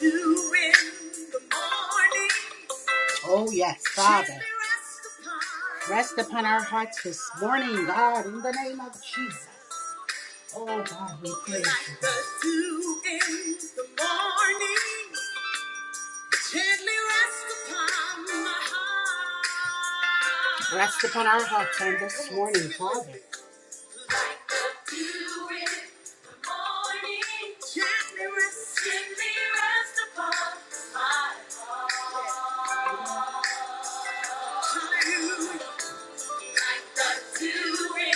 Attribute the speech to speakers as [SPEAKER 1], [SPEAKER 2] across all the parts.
[SPEAKER 1] You in the morning. Oh, yes, Father. Rest upon our hearts this morning, God, in the name of Jesus. Oh, God, we praise you. The dew in the morning. Gently rest upon my heart. Rest upon our hearts on this morning, Father. I could do with the morning. Gently rest, gently rest upon my heart. Hallelujah. Like the do, like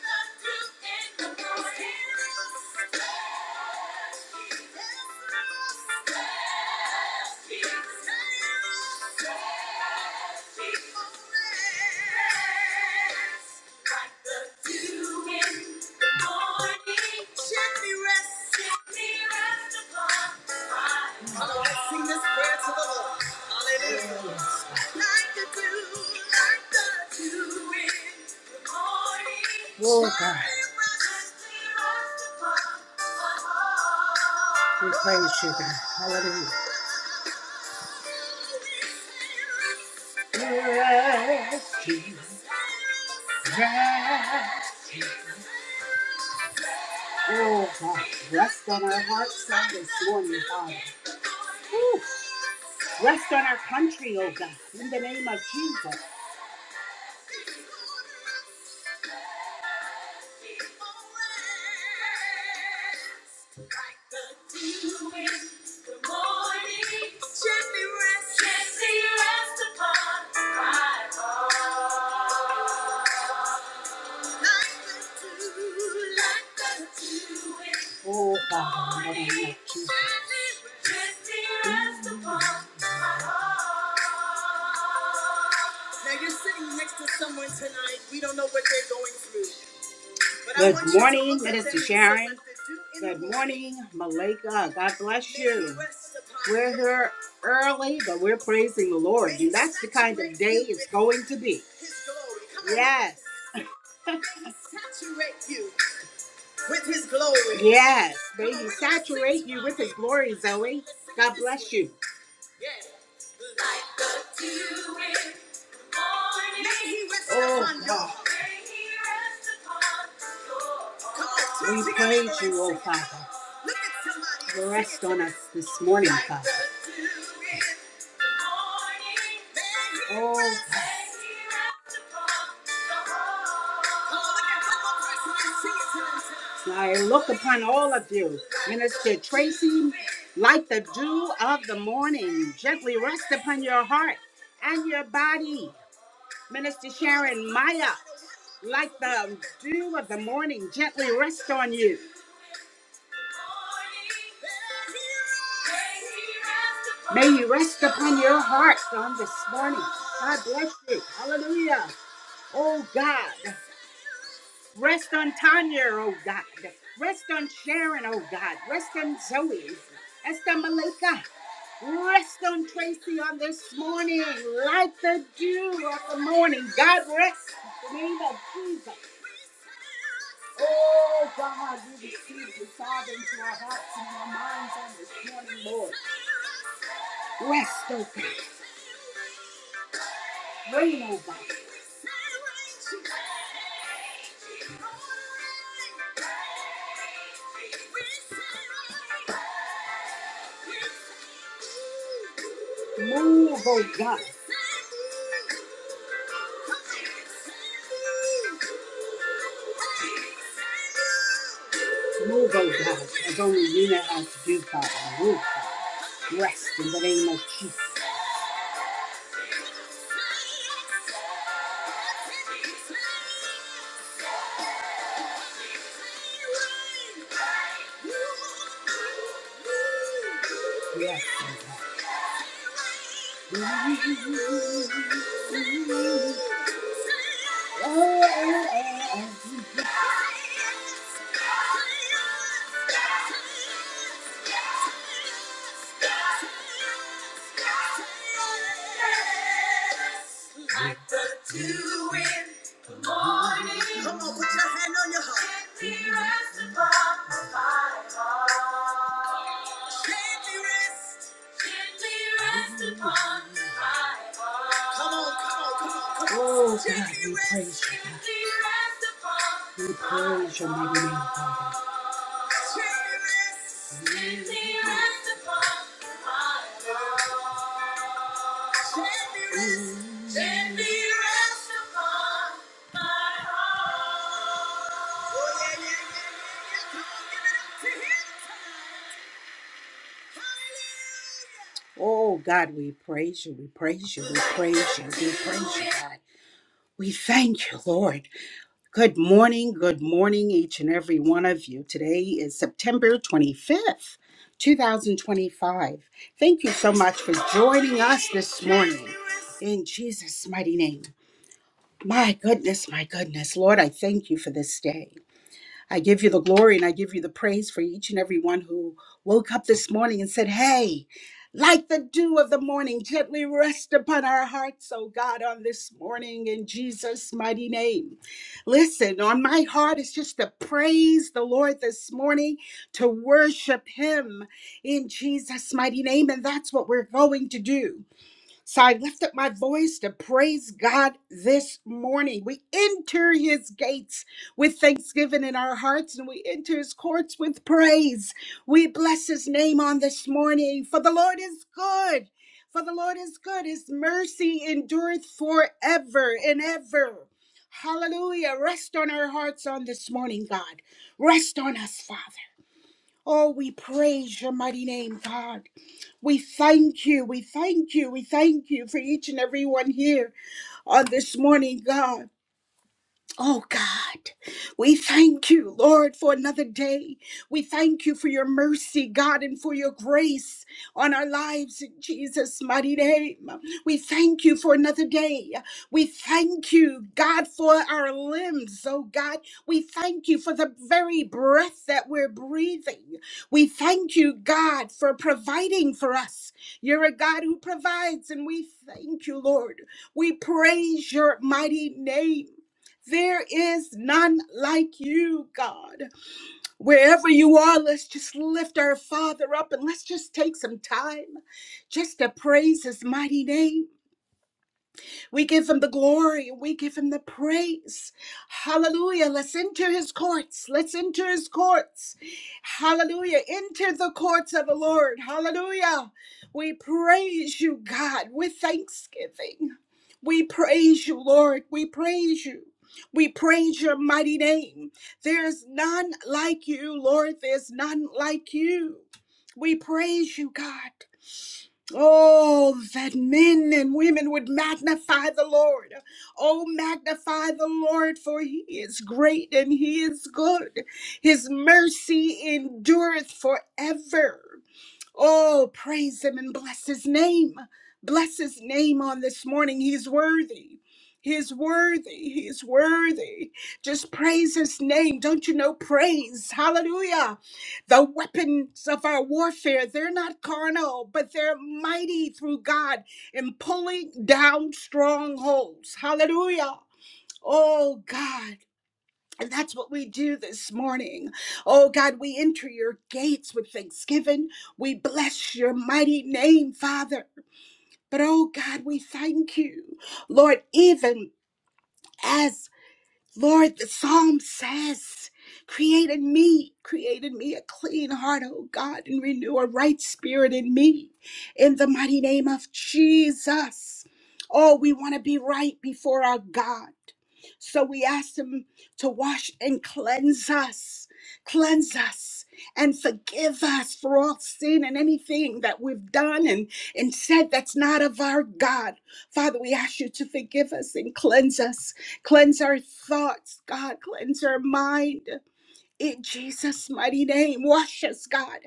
[SPEAKER 1] the dew in the morning. Sing this prayer to the Lord. Hallelujah. Oh God. We praise you, God. Hallelujah. Rescue, rescue. Oh, God, rest on our hearts on this morning, Father. Whew. Rest on our country, oh God, in the name of Jesus. Gently rest upon my heart. Oh, Father, in the name of Jesus. Now you're sitting next to someone tonight. We don't know what they're going through. But I Good want you to morning, look at Minister them and Sharon. select the do in Good the morning, Malika. God bless you. Rest upon We're them. here early, but we're praising the Lord. May And He that's the kind of saturate day you it's with going to be. His glory. Come on. Yes. May He saturate you with his glory. Yes, baby, saturate you with his glory, Zoe. God bless you. Yes. Like oh, God. We praise you, oh Father. Rest on us this morning, Father. Oh. I look upon all of you, Minister Tracy, like the dew of the morning. Gently rest upon your heart and your body. Minister Sharon Maya, like the dew of the morning, gently rest on you. May you rest upon your hearts on this morning. God bless you. Hallelujah. Oh God, rest on Tanya, oh God. Rest on Sharon, oh God. Rest on Zoe. Rest on Malika. Rest on Tracy on this morning. Like the dew of the morning. God rest in the name of Jesus. Oh God, we receive you, Father, into our hearts and our minds on this morning, Lord. Rest, oh God. Reign, oh God. Move, oh God. Move, oh God, as only you know how to do, Father. Move, Father. Rest in the name of Jesus. Yes. Like the dew in Come on, put your hand on your heart. Come on, come on, come on, Oh, God, we praise you. God. We praise your mighty name, Father. Oh God, we praise you, we praise you, we praise you, we praise you, God. We thank you, Lord. Good morning, good morning, each and every one of you. Today is September 25th, 2025. Thank you so much for joining us this morning in Jesus' mighty name. My goodness, my goodness, Lord, I thank you for this day. I give you the glory and I give you the praise for each and every one who woke up this morning and said, Hey, like the dew of the morning, gently rest upon our hearts, oh God, on this morning in Jesus' mighty name. Listen, on my heart is just to praise the Lord this morning, to worship Him in Jesus' mighty name. And that's what we're going to do. So I lift up my voice to praise God this morning. We enter his gates with thanksgiving in our hearts and we enter his courts with praise. We bless his name on this morning, for the Lord is good. For the Lord is good. His mercy endureth forever and ever. Hallelujah. Rest on our hearts on this morning, God. Rest on us, Father. Oh, we praise your mighty name, God. We thank you. We thank you. We thank you for each and every one here on this morning, God. Oh God, we thank you, Lord, for another day. We thank you for your mercy, God, and for your grace on our lives in Jesus' mighty name. We thank you for another day. We thank you, God, for our limbs, oh God. We thank you for the very breath that we're breathing. We thank you, God, for providing for us. You're a God who provides, and we thank you, Lord. We praise your mighty name. There is none like you, God. Wherever you are, let's just lift our Father up and let's just take some time just to praise His mighty name. We give him the glory. We give him the praise. Hallelujah. Let's enter his courts. Let's enter his courts. Hallelujah. Enter the courts of the Lord. Hallelujah. We praise you, God, with thanksgiving. We praise you, Lord. We praise you. We praise your mighty name. There's none like you, Lord. There's none like you. We praise you, God. Oh, that men and women would magnify the Lord. Oh, magnify the Lord, for he is great and he is good. His mercy endureth forever. Oh, praise him and bless his name. Bless his name on this morning. He's worthy. He's worthy. He's worthy. Just praise his name. Don't you know praise? Hallelujah. The weapons of our warfare, they're not carnal, but they're mighty through God in pulling down strongholds. Hallelujah. Oh, God. And that's what we do this morning. Oh God, we enter your gates with thanksgiving. We bless your mighty name, Father. But oh God, we thank you, Lord, even as Lord, the psalm says, Create in me, create in me a clean heart, O God, and renew a right spirit in me. In the mighty name of Jesus. Oh, we want to be right before our God. So we ask Him to wash and cleanse us, cleanse us, and forgive us for all sin and anything that we've done and, and said that's not of our God. Father, we ask you to forgive us and cleanse us Cleanse our thoughts, God. Cleanse our mind. In Jesus' mighty name, wash us, God.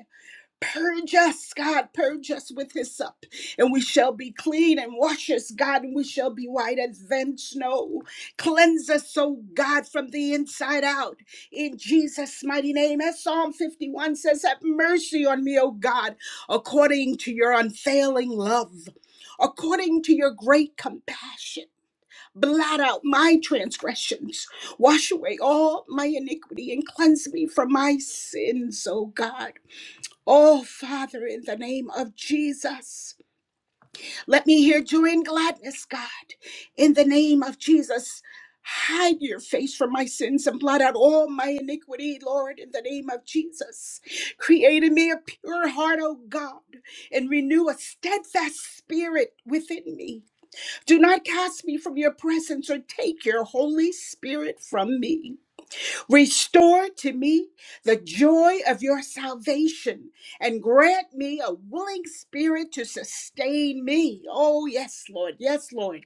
[SPEAKER 1] Purge us, God. Purge us with hyssop, and we shall be clean. And wash us, God, and we shall be white as than snow. Cleanse us, O God, from the inside out. In Jesus' mighty name, as Psalm 51 says, Have mercy on me, O God, according to your unfailing love, according to your great compassion Blot out my transgressions, wash away all my iniquity, and cleanse me from my sins, O God. Oh, Father, in the name of Jesus, let me hear joy and gladness, God. In the name of Jesus, hide your face from my sins and blot out all my iniquity, Lord, in the name of Jesus. Create in me a pure heart, O God, and renew a steadfast spirit within me. Do not cast me from your presence or take your Holy Spirit from me. Restore to me the joy of your salvation and grant me a willing spirit to sustain me. Oh, yes, Lord. Yes, Lord.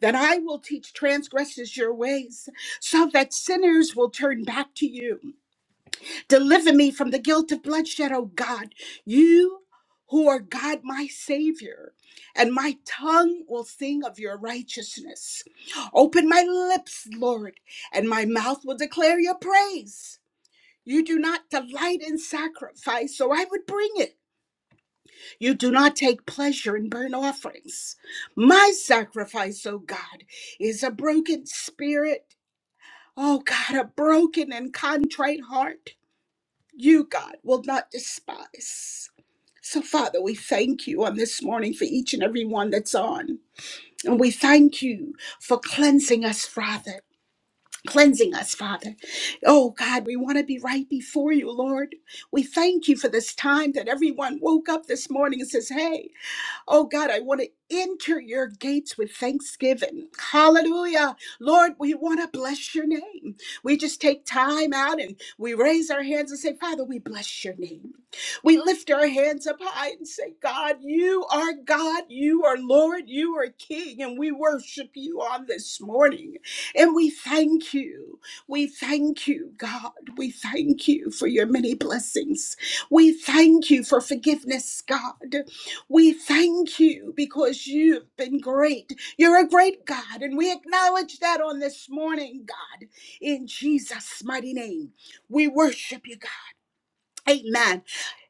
[SPEAKER 1] That I will teach transgressors your ways so that sinners will turn back to you. Deliver me from the guilt of bloodshed, O God. You who are God, my Savior, and my tongue will sing of your righteousness. Open my lips, Lord, and my mouth will declare your praise. You do not delight in sacrifice, so I would bring it. You do not take pleasure in burnt offerings. My sacrifice, O God, is a broken spirit. Oh God, a broken and contrite heart you, God, will not despise. So, Father, we thank you on this morning for each and every one that's on. And we thank you for cleansing us, Father. Cleansing us, Father. Oh God, we want to be right before you, Lord. We thank you for this time that everyone woke up this morning and says, Hey, Oh God, I want to enter your gates with thanksgiving. Hallelujah. Lord, we want to bless your name. We just take time out and we raise our hands and say, Father, we bless your name. We lift our hands up high and say, God, you are God, you are Lord, you are King, and we worship you on this morning. And we thank you. We thank you, God. We thank you for your many blessings. We thank you for forgiveness, God. We thank you because you've been great. You're a great God, and we acknowledge that on this morning, God, in Jesus' mighty name. We worship you, God. Amen.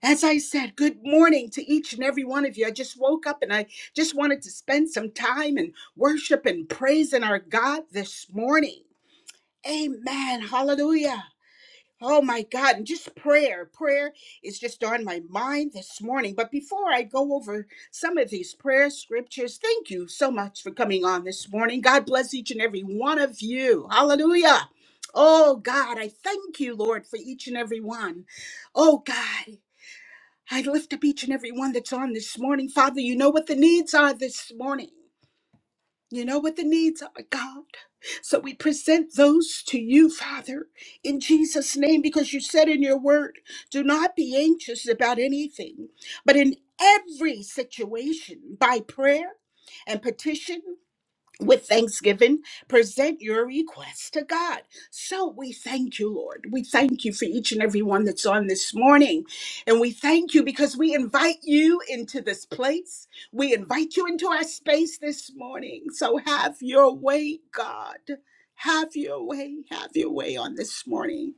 [SPEAKER 1] As I said, good morning to each and every one of you. I just woke up and I just wanted to spend some time and worship and praise in our God this morning. Amen. Hallelujah. Oh my God, and just prayer. Prayer is just on my mind this morning. But before I go over some of these prayer scriptures, thank you so much for coming on this morning. God bless each and every one of you. Hallelujah. Oh God, I thank you, Lord, for each and every one. Oh God, I lift up each and every one that's on this morning. Father, you know what the needs are this morning. You know what the needs are, God. So we present those to you, Father, in Jesus' name, because you said in your word, do not be anxious about anything, but in every situation, by prayer and petition with thanksgiving, present your request to God. So we thank you, Lord. We thank you for each and every one that's on this morning. And we thank you because we invite you into this place. We invite you into our space this morning. So have your way, God. Have your way, have your way on this morning.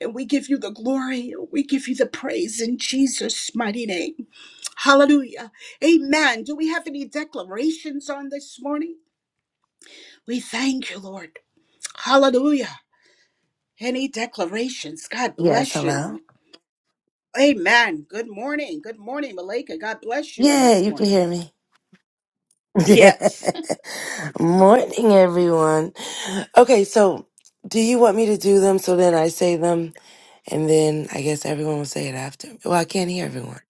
[SPEAKER 1] And we give you the glory, we give you the praise in Jesus' mighty name. Hallelujah. Amen. Do we have any declarations on this morning? We thank you, Lord. Hallelujah. Any declarations? God
[SPEAKER 2] Yes,
[SPEAKER 1] bless
[SPEAKER 2] hello.
[SPEAKER 1] you. Amen. Good morning. Good morning, Malika. God bless you on
[SPEAKER 2] Yeah,
[SPEAKER 1] this
[SPEAKER 2] you can
[SPEAKER 1] morning.
[SPEAKER 2] hear me.
[SPEAKER 1] Yes.
[SPEAKER 2] Morning, everyone. Okay, so do you want me to do them so then I say them and then I guess everyone will say it after? Well, I can't hear everyone.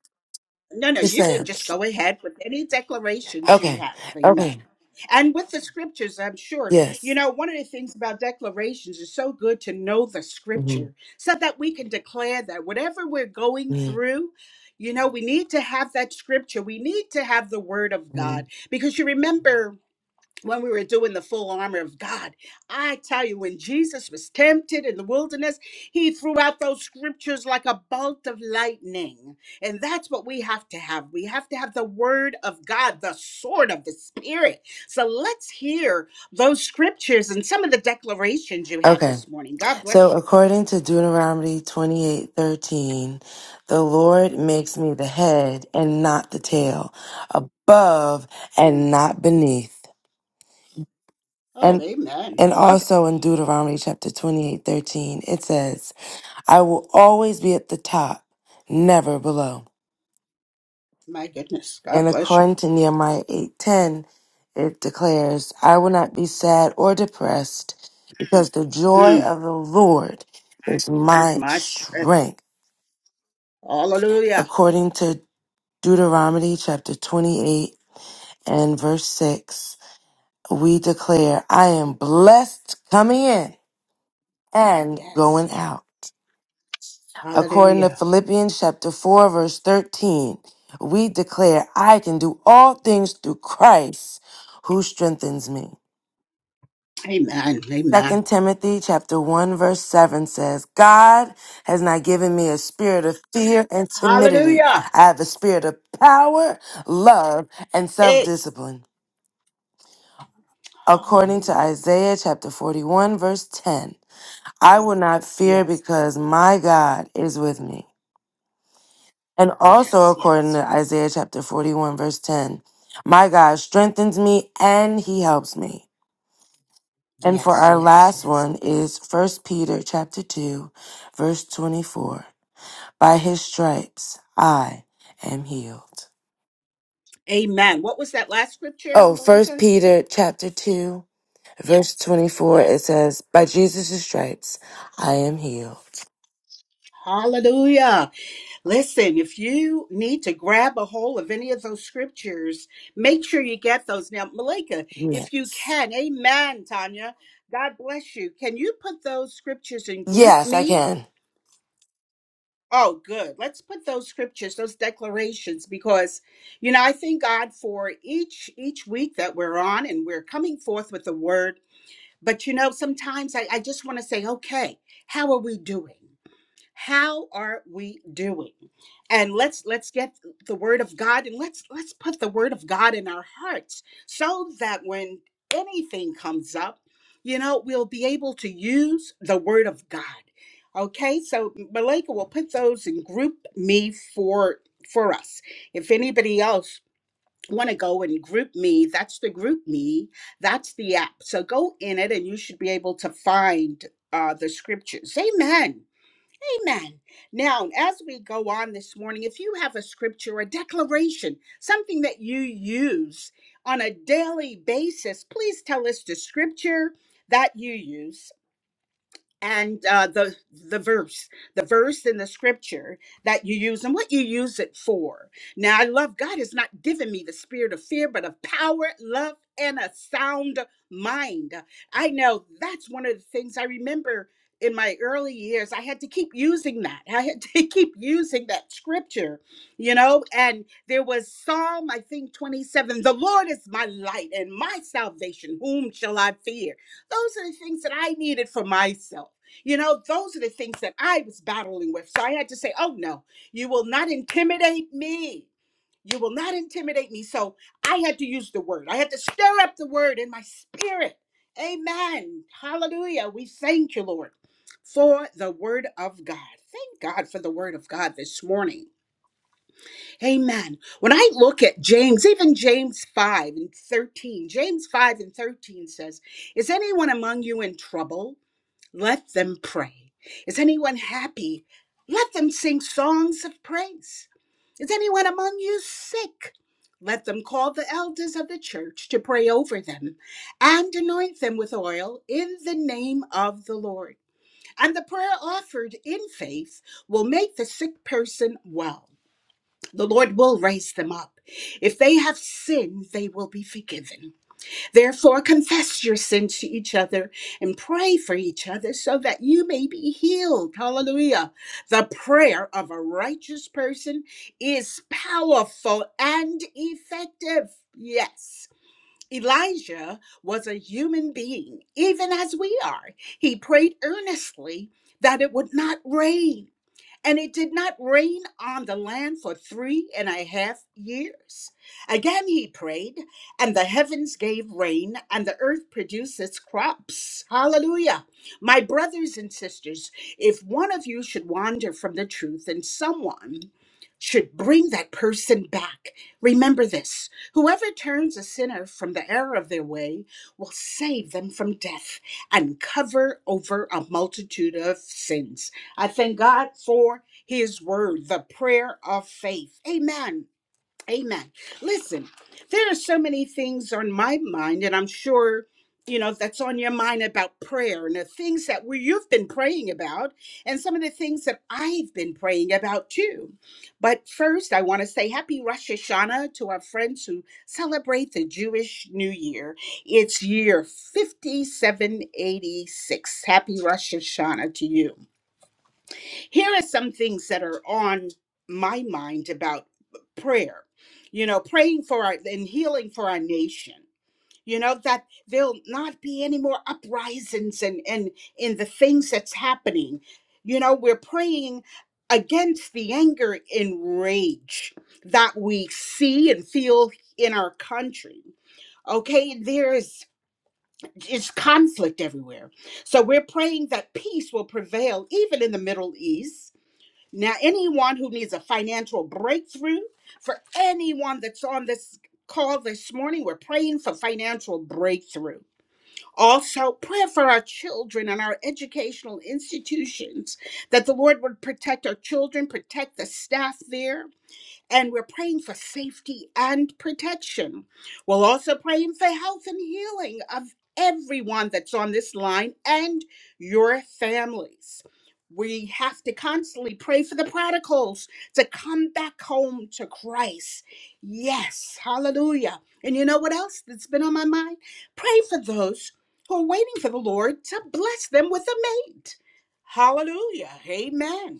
[SPEAKER 1] No, no,
[SPEAKER 2] Just
[SPEAKER 1] you can
[SPEAKER 2] saying.
[SPEAKER 1] just go ahead with any declarations you
[SPEAKER 2] Okay,
[SPEAKER 1] have. Amen.
[SPEAKER 2] okay,
[SPEAKER 1] And with the scriptures, I'm sure, you
[SPEAKER 2] yes.
[SPEAKER 1] know, one of the things about declarations is so good to know the
[SPEAKER 2] hmm
[SPEAKER 1] scripture so that we can declare that whatever we're going through, you know, we need to have that scripture. We need to have the word of
[SPEAKER 2] hmm
[SPEAKER 1] God because you remember when we were doing the full armor of God. I tell you, when Jesus was tempted in the wilderness, he threw out those scriptures like a bolt of lightning. And that's what we have to have. We have to have the word of God, the sword of the spirit. So let's hear those scriptures and some of the declarations you have
[SPEAKER 2] Okay,
[SPEAKER 1] this morning. God
[SPEAKER 2] so
[SPEAKER 1] bless you.
[SPEAKER 2] according to Deuteronomy twenty-eight thirteen, the Lord makes me the head and not the tail, above
[SPEAKER 1] Mm.
[SPEAKER 2] and not beneath.
[SPEAKER 1] Oh, amen. I
[SPEAKER 2] And
[SPEAKER 1] love it.
[SPEAKER 2] also in Deuteronomy chapter 28, 13, it says, I will always be at the top, never below.
[SPEAKER 1] My goodness. God
[SPEAKER 2] And
[SPEAKER 1] bless you.
[SPEAKER 2] according to Nehemiah 8, 10, it declares, I will not be sad or depressed because the joy
[SPEAKER 1] Mm.
[SPEAKER 2] of the Lord is my
[SPEAKER 1] My strength.
[SPEAKER 2] strength.
[SPEAKER 1] Hallelujah.
[SPEAKER 2] According to Deuteronomy chapter 28 and verse 6, we declare, I am blessed coming in and
[SPEAKER 1] Yes,
[SPEAKER 2] going
[SPEAKER 1] yes.
[SPEAKER 2] out. According to
[SPEAKER 1] Hallelujah.
[SPEAKER 2] Philippians chapter 4, verse 13, we declare, I can do all things through Christ who strengthens me.
[SPEAKER 1] Amen. Amen.
[SPEAKER 2] Second Timothy chapter 1 verse 7 says, God has not given me a spirit of fear and timidity.
[SPEAKER 1] Hallelujah.
[SPEAKER 2] I have a spirit of power, love, and
[SPEAKER 1] Hey.
[SPEAKER 2] self-discipline. According to
[SPEAKER 1] Hallelujah.
[SPEAKER 2] Isaiah chapter 41 verse 10, I will not fear
[SPEAKER 1] Yes.
[SPEAKER 2] because my God is with me. And also,
[SPEAKER 1] Yes.
[SPEAKER 2] according
[SPEAKER 1] Yes.
[SPEAKER 2] to
[SPEAKER 1] Yes.
[SPEAKER 2] Isaiah chapter 41, verse 10, my God strengthens me and he helps me. And for
[SPEAKER 1] Yes.
[SPEAKER 2] our
[SPEAKER 1] Yes.
[SPEAKER 2] last
[SPEAKER 1] Yes.
[SPEAKER 2] one is First Peter chapter 2, verse 24. By his stripes I am healed.
[SPEAKER 1] Amen. What was that last scripture,
[SPEAKER 2] Oh, First
[SPEAKER 1] Malika?
[SPEAKER 2] Peter chapter 2, verse 24, it
[SPEAKER 1] Yes.
[SPEAKER 2] says, By Jesus' stripes I am healed.
[SPEAKER 1] Hallelujah. Listen, if you need to grab a hold of any of those scriptures, make sure you get those. Now, Malika,
[SPEAKER 2] Yeah.
[SPEAKER 1] if you can, amen, Tanya. God bless you. Can you put those scriptures in group
[SPEAKER 2] Yes, I
[SPEAKER 1] me
[SPEAKER 2] can.
[SPEAKER 1] Oh, good. Let's put those scriptures, those declarations, because you know I thank God for each each week that we're on and we're coming forth with the word. But you know, sometimes I, I just want to say, okay, how are we doing? how are we doing and let's let's get the word of god and let's let's put the word of god in our hearts so that when anything comes up you know we'll be able to use the word of god okay so malika will put those in group me for for us if anybody else want to go and group me that's the group me that's the app so go in it and you should be able to find uh, the scriptures amen Amen. Now, as we go on this morning, if you have a scripture, a declaration, something that you use on a daily basis, please tell us the scripture that you use and uh, the the verse, the verse in the scripture that you use, and what you use it for. Now, I love God has not given me the spirit of fear, but of power, love, and a sound mind. I know that's one of the things I remember in my early years. I had to keep using that. I had to keep using that scripture, you know. And there was Psalm, I think, twenty seven. The Lord is my light and my salvation. Whom shall I fear? Those are the things that I needed for myself. You know, those are the things that I was battling with. So I had to say, oh no, you will not intimidate me. You will not intimidate me. So I had to use the word. I had to stir up the word in my spirit. Amen. Hallelujah. We thank you, Lord, for the word of God. Thank God for the word of God this morning. Amen. When I look at James, even James 5 and 13, James 5 and 13 says, Is anyone among you in trouble? Let them pray. Is anyone happy? Let them sing songs of praise. Is anyone among you sick? Let them call the elders of the church to pray over them and anoint them with oil in the name of the Lord. And the prayer offered in faith will make the sick person well. The Lord will raise them up. If they have sinned, they will be forgiven. Therefore, confess your sins to each other and pray for each other so that you may be healed. Hallelujah. The prayer of a righteous person is powerful and effective. Yes. Elijah was a human being, even as we are. He prayed earnestly that it would not rain and it did not rain on the land for three and a half years. Again he prayed, and the heavens gave rain, and the earth produced its crops. Hallelujah. My brothers and sisters, if one of you should wander from the truth and someone should bring that person back, remember this whoever turns a sinner from the error of their way will save them from death and cover over a multitude of sins. I thank God for his word, the prayer of faith. Amen. Amen. Listen, there are so many things on my mind, and I'm sure you know that's on your mind about prayer and the things that we, you've been praying about and some of the things that i've been praying about too but first i want to say happy rosh hashanah to our friends who celebrate the jewish new year it's year 5786 happy rosh hashanah to you here are some things that are on my mind about prayer. You know, praying for our and healing for our nation. You know, that there'll not be any more uprisings and and in the things that's happening. You know, we're praying against the anger and rage that we see and feel in our country. Okay, there is is conflict everywhere. So we're praying that peace will prevail even in the Middle East now, anyone who needs a financial breakthrough, for anyone that's on this call this morning, we're praying for financial breakthrough. Also, prayer for our children and our educational institutions that the Lord would protect our children, protect the staff there, and we're praying for safety and protection. We're also praying for health and healing of everyone that's on this line and your families. We have to constantly pray for the prodigals to come back home to Christ. Yes, hallelujah. And you know what else that's been on my mind? Pray for those who are waiting for the Lord to bless them with a mate. Hallelujah. Amen.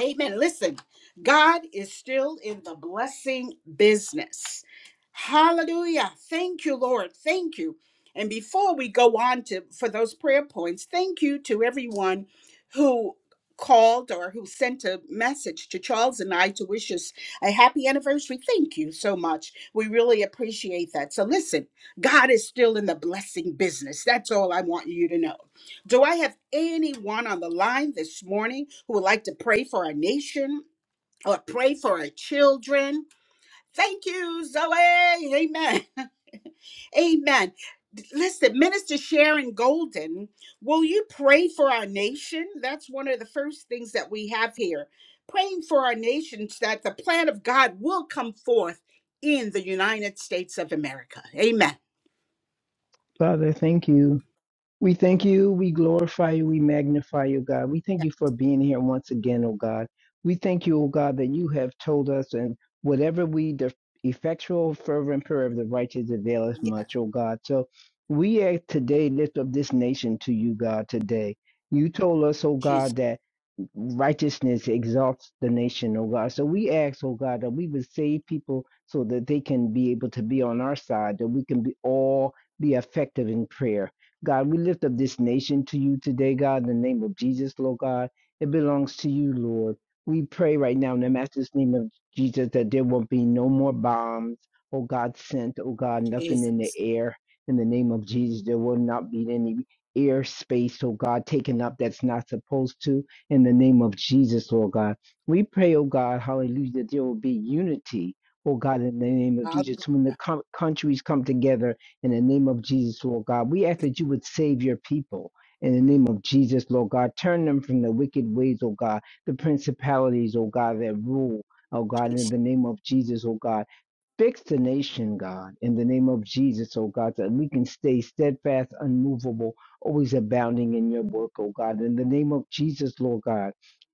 [SPEAKER 1] Amen. Listen, God is still in the blessing business. Hallelujah. Thank you, Lord. Thank you. And before we go on to for those prayer points, thank you to everyone who called or who sent a message to Charles and I to wish us a happy anniversary. Thank you so much. We really appreciate that. So listen, God is still in the blessing business. That's all I want you to know. Do I have anyone on the line this morning who would like to pray for our nation or pray for our children? Thank you, Zoe. Amen. Amen. D- Listen, Minister Sharon Golden, will you pray for our nation? That's one of the first things that we have here. Praying for our nation so that the plan of God will come forth in the United States of America. Amen.
[SPEAKER 3] Father, thank you. We thank you, we glorify you, we magnify you, God. We thank
[SPEAKER 1] Yeah,
[SPEAKER 3] you for being here once again, oh God. We thank you, oh God, that you have told us and whatever we the effectual fervent prayer of the righteous availeth
[SPEAKER 1] yeah.
[SPEAKER 3] much, oh God. So we ask today lift up this nation to you, God, today. You told us, oh
[SPEAKER 1] Jesus,
[SPEAKER 3] God, that righteousness exalts the nation, oh God. So we ask, oh God, that we would save people so that they can be able to be on our side, that we can be all be effective in prayer. God, we lift up this nation to you today, God, in the name of Jesus, Lord God. It belongs to you, Lord. We pray right now in the master's name of Jesus that there will not be no more bombs, oh God, sent, oh God, nothing
[SPEAKER 1] Jesus.
[SPEAKER 3] in the air. In the name of Jesus, there will not be any airspace, space, oh God, taken up that's not supposed to. In the name of Jesus, Lord God. We pray, oh God, hallelujah, that there will be unity, oh God, in the name of
[SPEAKER 1] Hallelujah.
[SPEAKER 3] Jesus. When the co- countries come together, in the name of Jesus, Lord God, we ask that you would save your people. In the name of Jesus, Lord God, turn them from the wicked ways, oh God, the principalities, oh God, that rule, oh God, in the name of Jesus, oh God. Fix the nation, God, in the name of Jesus, oh God, that we can stay steadfast, unmovable, always abounding in your work, oh God. In the name of Jesus, Lord God,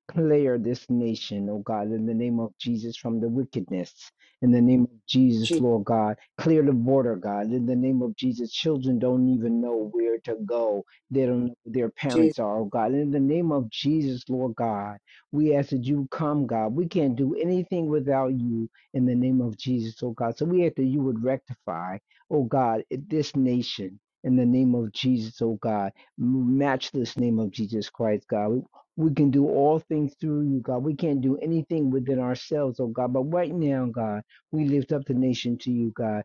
[SPEAKER 3] clear this nation, oh God, in the name of Jesus, from the wickedness. In the name of Jesus,
[SPEAKER 1] Jesus,
[SPEAKER 3] Lord God, clear the border, God. In the name of Jesus, children don't even know where to go. They don't know where their
[SPEAKER 1] Jesus.
[SPEAKER 3] parents are, oh God. In the name of Jesus, Lord God, we ask that you come, God. We can't do anything without you in the name of Jesus, oh God. So we ask that you would rectify, oh God, this nation in the name of Jesus, oh God, matchless name of Jesus Christ, God. We, we can do all things through you, God. We can't do anything within ourselves, oh God. But right now, God, we lift up the nation to you, God.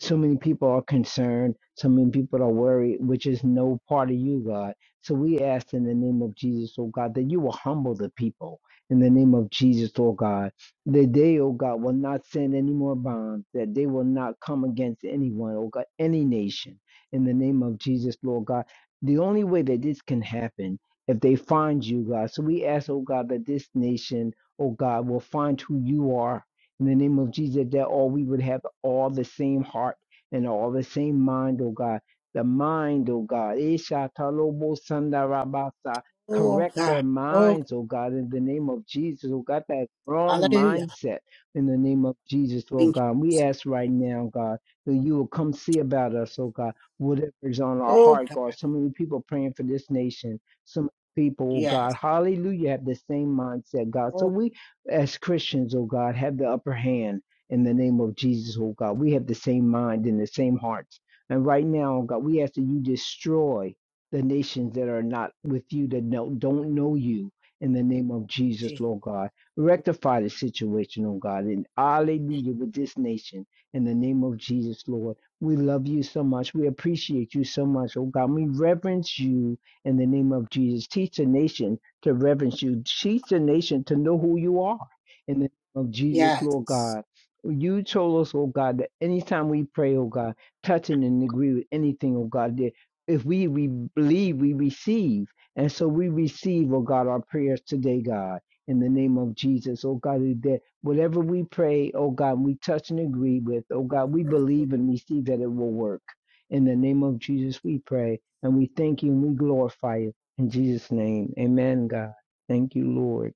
[SPEAKER 3] So many people are concerned. So many people are worried, which is no part of you, God. So we ask in the name of Jesus, oh God, that you will humble the people in the name of Jesus, oh God, that they, oh God, will not send any more bombs, that they will not come against anyone, oh God, any nation in the name of Jesus, Lord God. The only way that this can happen if they find you, God. So we ask, oh God, that this nation, oh God, will find who you are in the name of Jesus, that all we would have all the same heart and all the same mind, oh God. The mind, oh God. Isha talobo sandarabasa.
[SPEAKER 1] Oh,
[SPEAKER 3] Correct their
[SPEAKER 1] God. Oh,
[SPEAKER 3] minds, oh God, in the name of Jesus, oh God, that wrong
[SPEAKER 1] Hallelujah.
[SPEAKER 3] mindset in the name of Jesus, oh
[SPEAKER 1] Thank you,
[SPEAKER 3] God. We
[SPEAKER 1] Jesus.
[SPEAKER 3] ask right now, God, that you will come see about us, oh God, Whatever is on our
[SPEAKER 1] Oh,
[SPEAKER 3] heart,
[SPEAKER 1] God.
[SPEAKER 3] God. So many people praying for this nation. So many people, oh
[SPEAKER 1] Yes.
[SPEAKER 3] God, hallelujah, have the same mindset, God. So
[SPEAKER 1] Oh,
[SPEAKER 3] we as Christians, oh God, have the upper hand in the name of Jesus, oh God. We have the same mind and the same hearts. And right now, oh God, we ask that you destroy the nations that are not with you, that no, don't know you in the name of Jesus,
[SPEAKER 1] Jesus.
[SPEAKER 3] Lord God. Rectify the situation, oh God, and hallelujah with this nation in the name of Jesus, Lord. We love you so much. We appreciate you so much, oh God. We reverence you in the name of Jesus. Teach the nation to reverence you. Teach the nation to know who you are in the name of Jesus, Lord
[SPEAKER 1] Yes.
[SPEAKER 3] God. You told us, oh God, that anytime we pray, oh God, touching and agree with anything, oh God, that if we, we believe, we receive. And so we receive, oh God, our prayers today, God, in the name of Jesus, oh God, that whatever we pray, oh God, we touch and agree with, oh God, we believe and receive that it will work. In the name of Jesus, we pray and we thank you and we glorify you. In Jesus' name, amen, God. Thank you, Lord.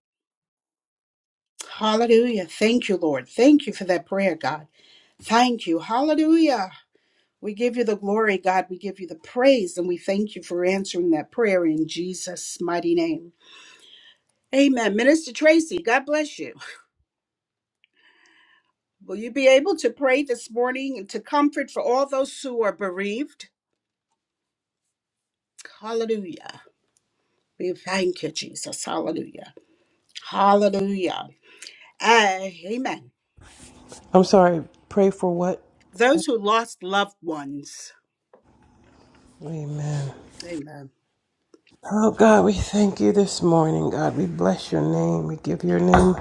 [SPEAKER 1] Hallelujah. Thank you, Lord. Thank you for that prayer, God. Thank you. Hallelujah. We give you the glory, God. We give you the praise, and we thank you for answering that prayer in Jesus' mighty name. Amen. Minister Tracy, God bless you. Will you be able to pray this morning and to comfort for all those who are bereaved? Hallelujah. We thank you, Jesus. Hallelujah. Hallelujah. Ah, Amen.
[SPEAKER 4] I'm sorry, pray for what?
[SPEAKER 1] Those who lost loved ones.
[SPEAKER 4] Amen.
[SPEAKER 1] Amen.
[SPEAKER 4] Oh God, we thank you this morning, God. We bless your name. We give your name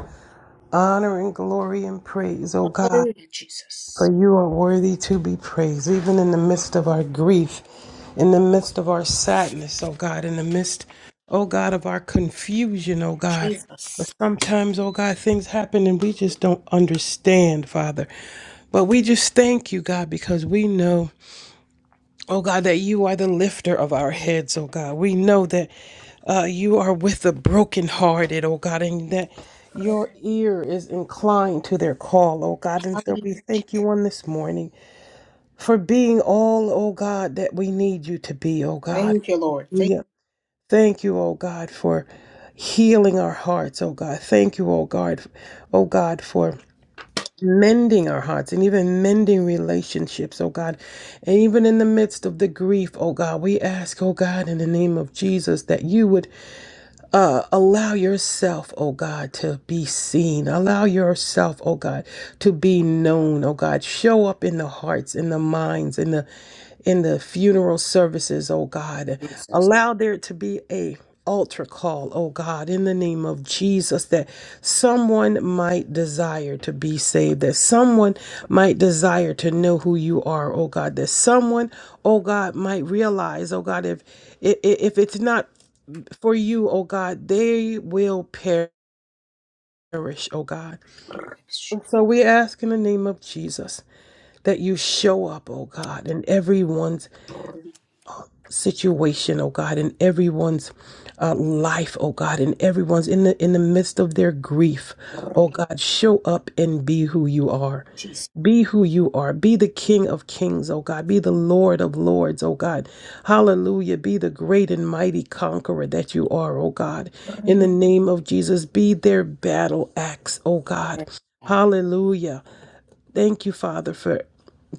[SPEAKER 4] honor and glory and praise, oh God.
[SPEAKER 1] Hallelujah,
[SPEAKER 4] For
[SPEAKER 1] Jesus.
[SPEAKER 4] you are worthy to be praised, even in the midst of our grief, in the midst of our sadness, oh God, in the midst, oh God, of our confusion, oh God. But
[SPEAKER 1] Jesus.
[SPEAKER 4] sometimes, oh God, things happen and we just don't understand, Father. But we just thank you, God, because we know. Oh God, that you are the lifter of our heads, oh God. We know that uh, you are with the brokenhearted, oh God, and that your ear is inclined to their call, oh God. And so we
[SPEAKER 1] Hallelujah.
[SPEAKER 4] thank you on this morning for being all, oh God, that we need you to be, oh God.
[SPEAKER 1] Thank you, Lord. Thank
[SPEAKER 4] Hallelujah. Thank you, oh God, for healing our hearts, oh God. Thank you, oh God, oh God, for mending our hearts and even mending relationships, oh God. And even in the midst of the grief, oh God, we ask, oh God, in the name of Jesus, that you would uh, allow yourself, oh God, to be seen. Allow yourself, oh God, to be known, oh God. Show up in the hearts, in the minds, in the in the funeral services, oh God.
[SPEAKER 1] you, Jesus.
[SPEAKER 4] Allow there to be a altar call, oh God, in the name of Jesus, that someone might desire to be saved, that someone might desire to know who you are, oh God, that someone, oh God, might realize, oh God, if if, if it's not for you, oh God, they will perish, oh God. And so we ask in the name of Jesus that you show up, oh God, in everyone's situation, oh God, in everyone's uh, life, oh God, in everyone's in the in the midst of their grief, oh God, show up and be who you are.
[SPEAKER 1] Jesus.
[SPEAKER 4] Be who you are. Be the King of kings, oh God. Be the Lord of lords, oh God. Hallelujah. Be the great and mighty conqueror that you are, oh God. In the name of Jesus, be their battle axe, oh God.
[SPEAKER 1] Yes, God.
[SPEAKER 4] Hallelujah. Thank you, Father, for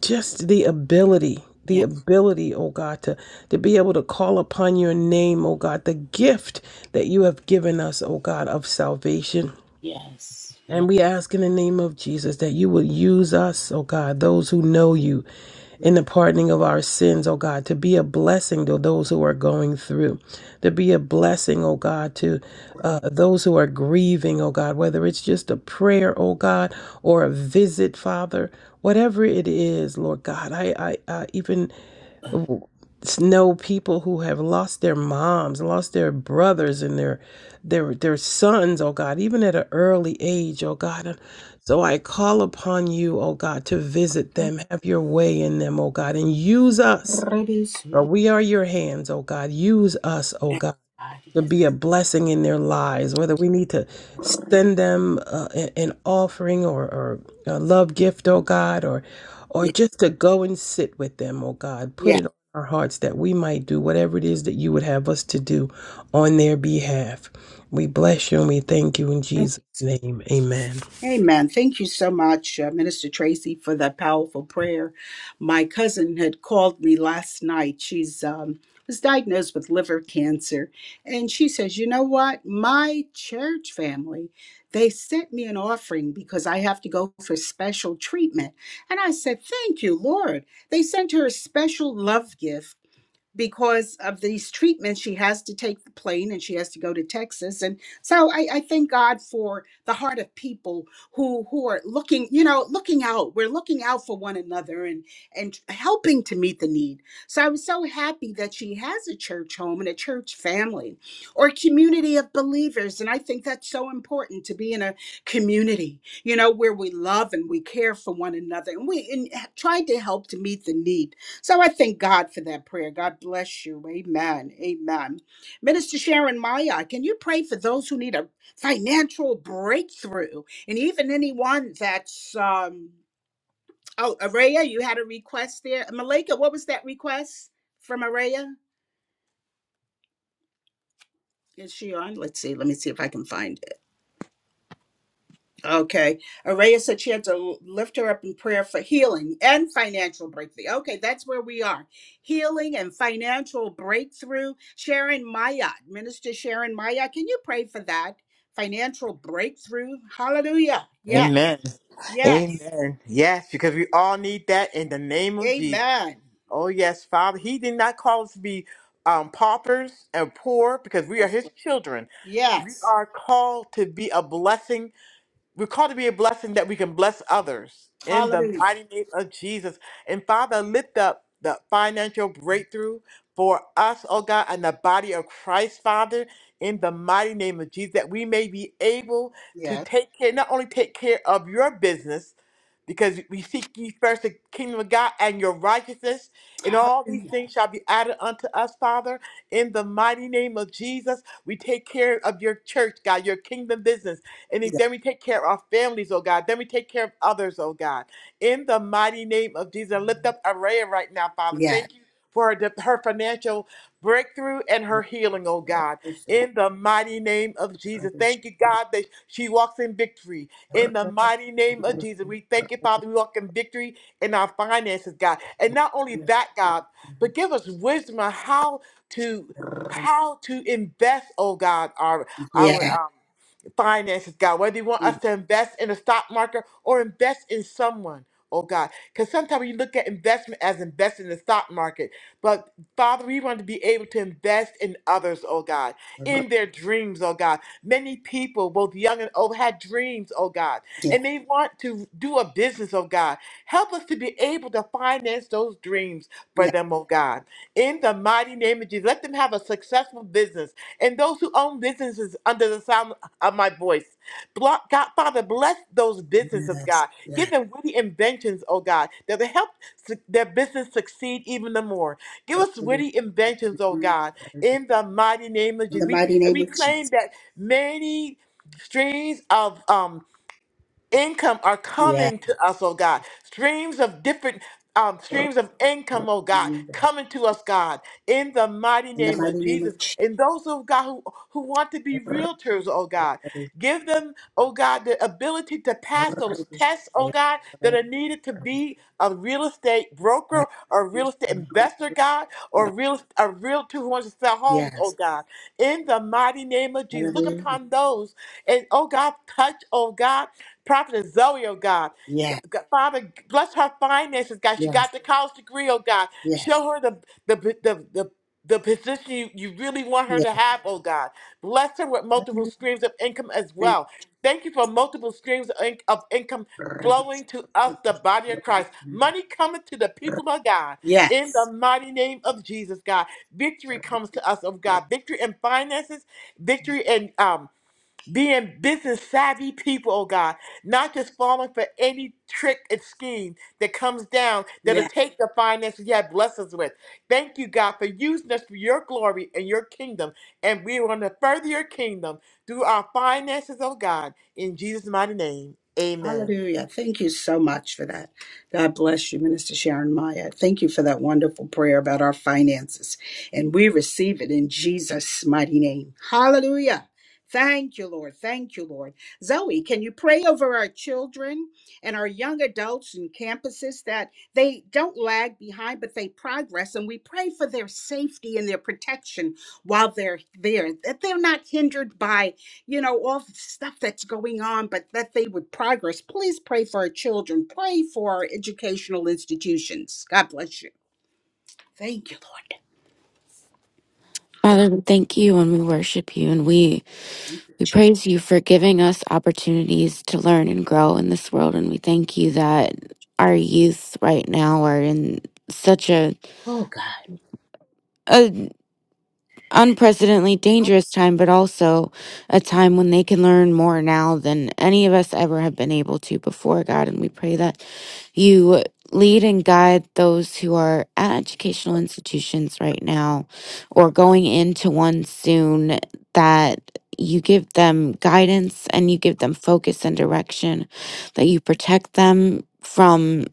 [SPEAKER 4] just the ability the
[SPEAKER 1] Yes.
[SPEAKER 4] ability oh god to to be able to call upon your name oh god the gift that you have given us oh god of salvation
[SPEAKER 1] Yes. Yes.
[SPEAKER 4] and we ask in the name of Jesus that you would use us, oh God, those who know you in the pardoning of our sins, oh God, to be a blessing to those who are going through, to be a blessing, oh God, to uh, those who are grieving, oh God, whether it's just a prayer, oh God, or a visit, Father, whatever it is, Lord God, I, I, I even know people who have lost their moms, lost their brothers and their their their sons, oh God, even at an early age, oh God. So I call upon you, oh God, to visit them, have your way in them, oh God, and use us. For we are your hands, oh God. Use us, oh God to
[SPEAKER 1] Yes.
[SPEAKER 4] be a blessing in their lives, whether we need to
[SPEAKER 1] God.
[SPEAKER 4] send them uh, a- an offering or, or a love gift, oh God, or or
[SPEAKER 1] Yes.
[SPEAKER 4] just to go and sit with them, oh God, put it
[SPEAKER 1] Yes.
[SPEAKER 4] on our hearts that we might do whatever it is that you would have us to do on their behalf. We bless you and we thank you in Jesus' name. Amen.
[SPEAKER 1] Amen. Thank you so much, uh, Minister Tracy, for that powerful prayer. My cousin had called me last night. She's um, was diagnosed with liver cancer, and she says, "You know what? My church family, they sent me an offering because I have to go for special treatment." And I said, "Thank you, Lord." They sent her a special love gift because of these treatments, she has to take the plane and she has to go to Texas. And so I, I thank God for the heart of people who who are looking, you know, looking out. We're looking out for one another and and helping to meet the need. So I was so happy that she has a church home and a church family or a community of believers. And I think that's so important to be in a community, you know, where we love and we care for one another and we and h- try to help to meet the need. So I thank God for that prayer. God bless you. Amen. Amen. Minister Sharon Maya, can you pray for those who need a financial breakthrough and even anyone that's um oh Araya, you had a request there. Malika, what was that request from Araya? Is she on? Let's see. Let me see if I can find it. Okay. Araya said she had to lift her up in prayer for healing and financial breakthrough. Okay, that's where we are. Healing and financial breakthrough. Sharon Mayat, Minister Sharon Mayat, can you pray for that? Financial breakthrough. Hallelujah. Yes.
[SPEAKER 5] Amen.
[SPEAKER 1] Yes.
[SPEAKER 5] Amen. Yes, because we all need that in the name of Jesus.
[SPEAKER 1] Amen.
[SPEAKER 5] Oh, yes, Father. He did not call us to be um, paupers and poor because we are
[SPEAKER 1] That's
[SPEAKER 5] His
[SPEAKER 1] right.
[SPEAKER 5] children. We
[SPEAKER 1] Yes.
[SPEAKER 5] are called to be a blessing we're called to be a blessing that we can bless others in the
[SPEAKER 1] Hallelujah.
[SPEAKER 5] mighty name of Jesus. And Father, lift up the financial breakthrough for us, oh God, and the body of Christ, Father, in the mighty name of Jesus, that we may be able to
[SPEAKER 1] Yes.
[SPEAKER 5] take care, not only take care of your business, because we seek ye first the kingdom of God and your righteousness, and all these
[SPEAKER 1] Hallelujah.
[SPEAKER 5] things shall be added unto us, Father. In the mighty name of Jesus, we take care of your church, God, your kingdom business. And
[SPEAKER 1] Yes.
[SPEAKER 5] then we take care of our families, oh God. Then we take care of others, oh God. In the mighty name of Jesus, I lift up Araya right now, Father.
[SPEAKER 1] Yes.
[SPEAKER 5] Thank you. For her her financial breakthrough and her healing, oh God, in the mighty name of Jesus. Thank you, God, that she walks in victory in the mighty name of Jesus. We thank you, Father. We walk in victory in our finances, God. And not only that, God, but give us wisdom on how to how to invest, oh God, our our um finances, God, whether you want us to invest in the stock market or invest in someone, oh God. Because sometimes you look at investment as investing in the stock market. But Father, we want to be able to invest in others, oh God, in their dreams, oh God. Many people, both young and old, had dreams, oh God,
[SPEAKER 1] Yeah.
[SPEAKER 5] and they want to do a business, oh God. Help us to be able to finance those dreams for them, oh God. In the mighty name of Jesus, let them have a successful business. And those who own businesses under the sound of my voice. Blo- God, Father, bless those businesses,
[SPEAKER 1] Yeah.
[SPEAKER 5] God.
[SPEAKER 1] Yes.
[SPEAKER 5] Give them witty inventions, oh God, that will help su- their business succeed even the more. Give us
[SPEAKER 1] In
[SPEAKER 5] witty inventions, oh God, in the mighty name of Jesus.
[SPEAKER 1] the
[SPEAKER 5] We,
[SPEAKER 1] mighty
[SPEAKER 5] and
[SPEAKER 1] name
[SPEAKER 5] we
[SPEAKER 1] of
[SPEAKER 5] claim
[SPEAKER 1] Jesus.
[SPEAKER 5] that many streams of um, income are
[SPEAKER 1] Yeah.
[SPEAKER 5] coming to us, oh God. Streams of different um, streams of income, oh God,
[SPEAKER 1] In
[SPEAKER 5] coming to us, God, in the mighty
[SPEAKER 1] the
[SPEAKER 5] name of
[SPEAKER 1] mighty name
[SPEAKER 5] Jesus.
[SPEAKER 1] of Jesus.
[SPEAKER 5] And those of God who, who want to be realtors, oh God, give them, oh God, the ability to pass those tests, oh God, that are needed to be a real estate broker or real estate investor, God, or real a realtor who wants to sell homes, oh
[SPEAKER 1] Yes.
[SPEAKER 5] God, in the mighty name of Jesus. Look
[SPEAKER 1] Hallelujah.
[SPEAKER 5] upon those and oh God, touch, oh God. Prophet Zoe, oh God. G-
[SPEAKER 1] Yes.
[SPEAKER 5] G- Father, bless her finances, God. She
[SPEAKER 1] Yes.
[SPEAKER 5] got the college degree, oh God.
[SPEAKER 1] Yes.
[SPEAKER 5] Show her the the the the, the position you, you really want her to have, oh God. Bless her with multiple
[SPEAKER 1] Yes.
[SPEAKER 5] streams of income as
[SPEAKER 1] Thank you.
[SPEAKER 5] well. Thank you for multiple streams of, in- of income flowing to us, the body of Christ. Money coming to the people of God. In
[SPEAKER 1] Yes.
[SPEAKER 5] the mighty name of Jesus, God. Victory comes to us, of God. Victory in finances, victory in um being business savvy people, oh God, not just falling for any trick and scheme that comes down that'll
[SPEAKER 1] Yes.
[SPEAKER 5] take the finances you have blessed us with. Thank you, God, for using us for your glory and your kingdom. And we want to further your kingdom through our finances, oh God, in Jesus' mighty name. Amen.
[SPEAKER 1] Hallelujah. Thank you so much for that. God bless you, Minister Sharon Maya. Thank you for that wonderful prayer about our finances. And we receive it in Jesus' mighty name. Hallelujah. Thank you, Lord. Thank you, Lord. Zoe, can you pray over our children and our young adults and campuses that they don't lag behind, but they progress? And we pray for their safety and their protection while they're there, that they're not hindered by you know, all the stuff that's going on, but that they would progress. Please pray for our children. Pray for our educational institutions. God bless you. Thank you, Lord.
[SPEAKER 6] Father, we thank you and we worship you and we, we praise you for giving us opportunities to learn and grow in this world. And we thank you that our youth right now are in such a,
[SPEAKER 1] Oh, God.
[SPEAKER 6] a unprecedentedly dangerous time, but also a time when they can learn more now than any of us ever have been able to before, God. And we pray that You lead and guide those who are at educational institutions right now or going into one soon that you give them guidance and you give them focus and direction, that you protect them from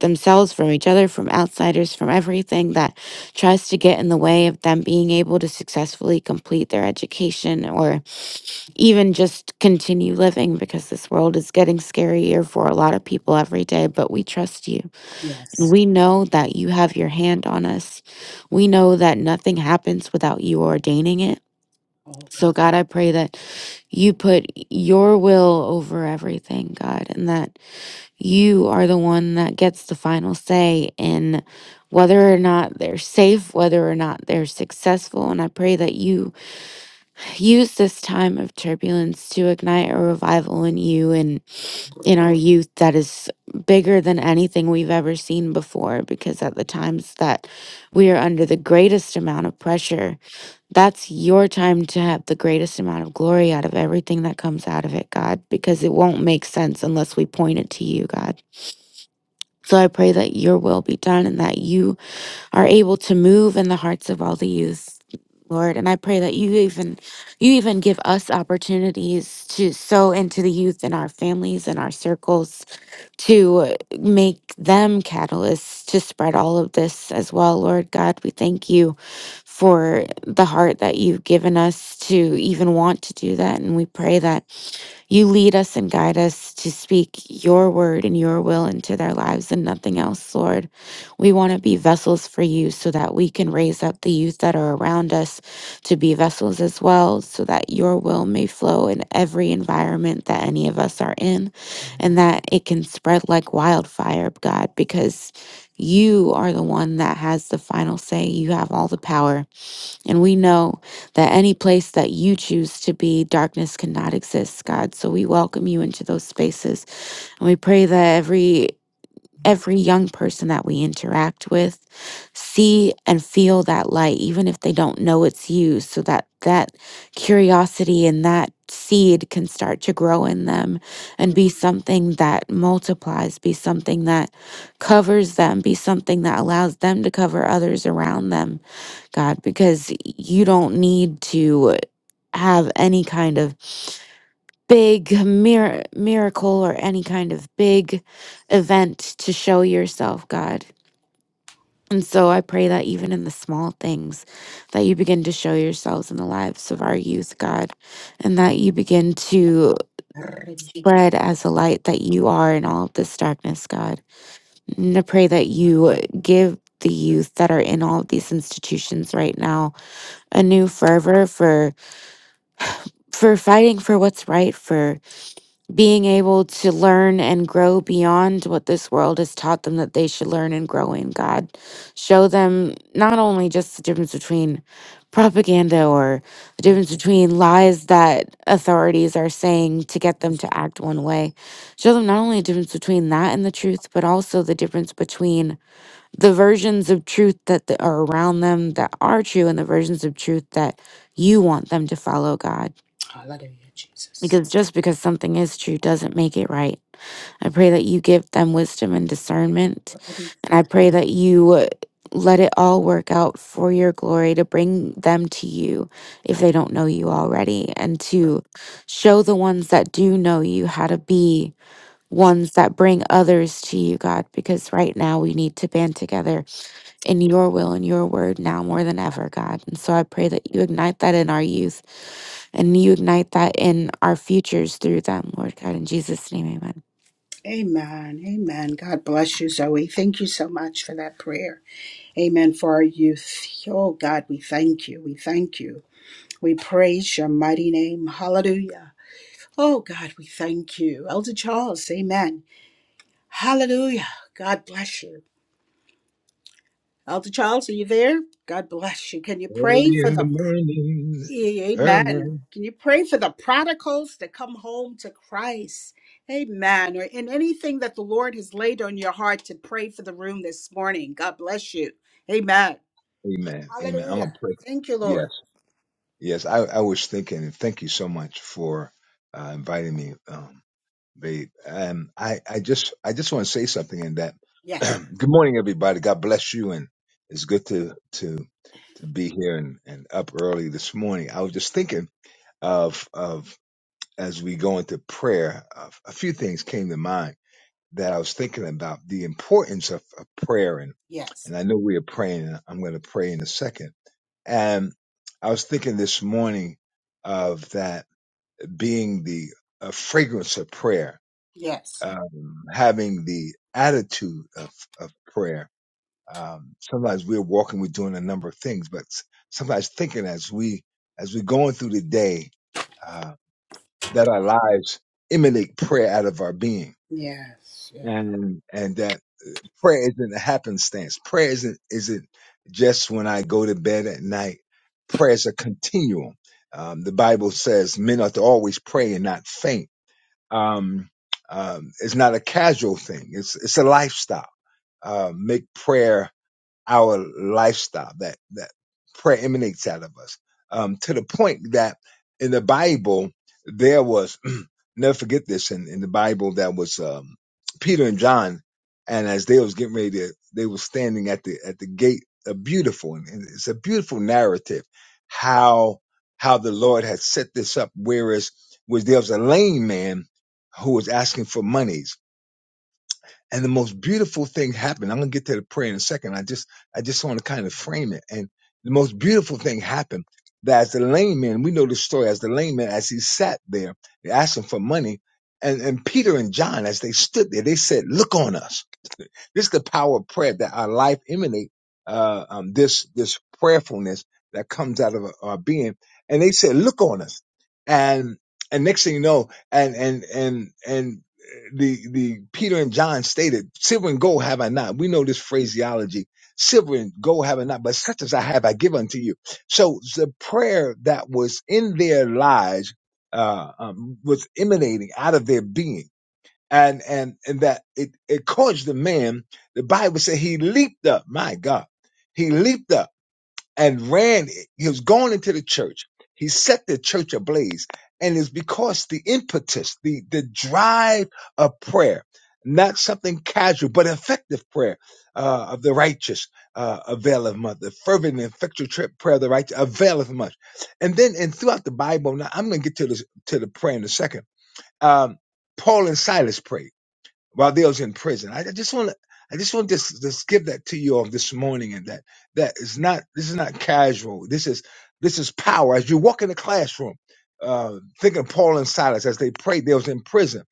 [SPEAKER 6] themselves, from each other, from outsiders, from everything that tries to get in the way of them being able to successfully complete their education or even just continue living because this world is getting scarier for a lot of people every day. But we trust you. And
[SPEAKER 1] Yes.
[SPEAKER 6] we know that you have your hand on us. We know that nothing happens without you ordaining it.
[SPEAKER 1] Oh,
[SPEAKER 6] So, God, I pray that you put your will over everything, God, and that you are the one that gets the final say in whether or not they're safe, whether or not they're successful. And I pray that you Use this time of turbulence to ignite a revival in you and in our youth that is bigger than anything we've ever seen before. Because at the times that we are under the greatest amount of pressure, that's your time to have the greatest amount of glory out of everything that comes out of it, God, because it won't make sense unless we point it to you, God. So I pray that your will be done and that you are able to move in the hearts of all the youth lord and i pray that you even you even give us opportunities to sow into the youth in our families and our circles to uh, make them catalysts to spread all of this as well lord god we thank you for the heart that you've given us to even want to do that and we pray that you lead us and guide us to speak your word and your will into their lives and nothing else, Lord. We want to be vessels for you so that we can raise up the youth that are around us to be vessels as well, so that your will may flow in every environment that any of us are in and that it can spread like wildfire, God, because you are the one that has the final say. You have all the power. And we know that any place that you choose to be, darkness cannot exist, God. So we welcome you into those spaces. And we pray that every every young person that we interact with see and feel that light even if they don't know it's you so that that curiosity and that seed can start to grow in them and be something that multiplies be something that covers them be something that allows them to cover others around them God, because you don't need to have any kind of big mir- miracle or any kind of big event to show yourself, God. And so I pray that even in the small things, that you begin to show yourselves in the lives of our youth, God, and that you begin to
[SPEAKER 1] God.
[SPEAKER 6] spread as a light that you are in all of this darkness, God. And I pray that you give the youth that are in all of these institutions right now a new fervor for for fighting for what's right, for being able to learn and grow beyond what this world has taught them that they should learn and grow in. God, show them not only just the difference between propaganda or the
[SPEAKER 1] Yeah.
[SPEAKER 6] difference between lies that authorities are saying to get them
[SPEAKER 1] Yes.
[SPEAKER 6] to act one way, show them not only the difference between that and the truth, but also the difference between the versions of truth that th- are around them that are true and the versions of truth that you want them to follow, God
[SPEAKER 1] Hallelujah, Jesus.
[SPEAKER 6] because just because something is true doesn't make it right. I pray that you give them wisdom and discernment. And I pray that you uh, let it all work out for your glory to bring them to you if they don't know you already, and to show the ones that do know you how to be ones that bring others to you, God, because right now we need to band together in your will and your word now more than ever, God. And so I pray that you ignite that in our youth and you ignite that in our futures through them, Lord God, in Jesus' name, amen.
[SPEAKER 1] Amen. Amen. God bless you, Zoe. Thank you so much for that prayer. Amen. For our youth. Oh, God, we thank you. We thank you. We praise your mighty name. Hallelujah. Oh, God, we thank you. Elder Charles, amen. Hallelujah. God bless you. Elder Charles, are you there? God bless you. Can you pray
[SPEAKER 7] Early
[SPEAKER 1] for
[SPEAKER 7] in the
[SPEAKER 1] the
[SPEAKER 7] morning,
[SPEAKER 1] Yeah, Amen.
[SPEAKER 7] early.
[SPEAKER 1] Can you pray for the prodigals to come home to Christ? Amen. Or in anything that the Lord has laid on your heart to pray for the room this morning. God bless you. Amen.
[SPEAKER 7] Amen. Amen. I'm gonna
[SPEAKER 1] Hallelujah.
[SPEAKER 7] pray.
[SPEAKER 1] Thank you, Lord.
[SPEAKER 7] Yes, yes. I, I was thinking, and thank you so much for uh, inviting me, um, babe. And I, I just, I just want to say something in that.
[SPEAKER 1] Yes.
[SPEAKER 7] good morning, everybody. God bless you, and it's good to to to be here and, and up early this morning. I was just thinking of of as we go into prayer, of, a few things came to mind that I was thinking about the importance of, of prayer. And,
[SPEAKER 1] Yes.
[SPEAKER 7] and I know we are praying, and I'm going to pray in a second. And I was thinking this morning of that being the uh, fragrance of prayer,
[SPEAKER 1] Yes.
[SPEAKER 7] um, having the attitude of, of prayer. Um, sometimes we're walking, we're doing a number of things, but s- sometimes thinking as we, as we're going through the day, uh, that our lives emanate prayer out of our being
[SPEAKER 1] Yes. Yes.
[SPEAKER 7] and, and that prayer isn't a happenstance. Prayer isn't isn't just when I go to bed at night. Prayer is a continuum. Um, the Bible says men ought to always pray and not faint. Um, um, it's not a casual thing. It's it's a lifestyle. Uh, make prayer our lifestyle that that prayer emanates out of us um, to the point that in the Bible there was never forget this in, in the Bible that was um, Peter and John and as they was getting ready to they were standing at the at the gate a beautiful and it's a beautiful narrative how how the Lord had set this up whereas was there was a lame man who was asking for monies and the most beautiful thing happened. I'm gonna get to the prayer in a second. I just I just want to kind of frame it. And the most beautiful thing happened that as the lame man, we know the story, as the lame man, as he sat there, they asked him for money. And and Peter and John, as they stood there, they said, Look on us. This is the power of prayer that our life emanate uh, um, this this prayerfulness that comes out of our being. And they said, "Look on us," and and next thing you know, and and and and the the Peter and John stated, "Silver and gold have I not." We know this phraseology. Silver and gold have I not, but such as I have, I give unto you. So the prayer that was in their lives uh, um, was emanating out of their being and and and that it it caused the man. The Bible said he leaped up. My God, he leaped up and ran. He was going into the church. He set the church ablaze, and it's because the impetus, the the drive of prayer, not something casual but effective prayer uh, of the righteous uh, availeth much. The fervent and effectual tri- prayer of the righteous availeth much. And then and throughout the Bible, now I'm going to get to this to the prayer in a second. Um, Paul and Silas prayed while they was in prison. I, I just want to, I just want this, this give that to you all this morning, and that that is not, this is not casual. This is, this is power. As you walk in the classroom, uh, think of Paul and Silas as they prayed. They was in prison,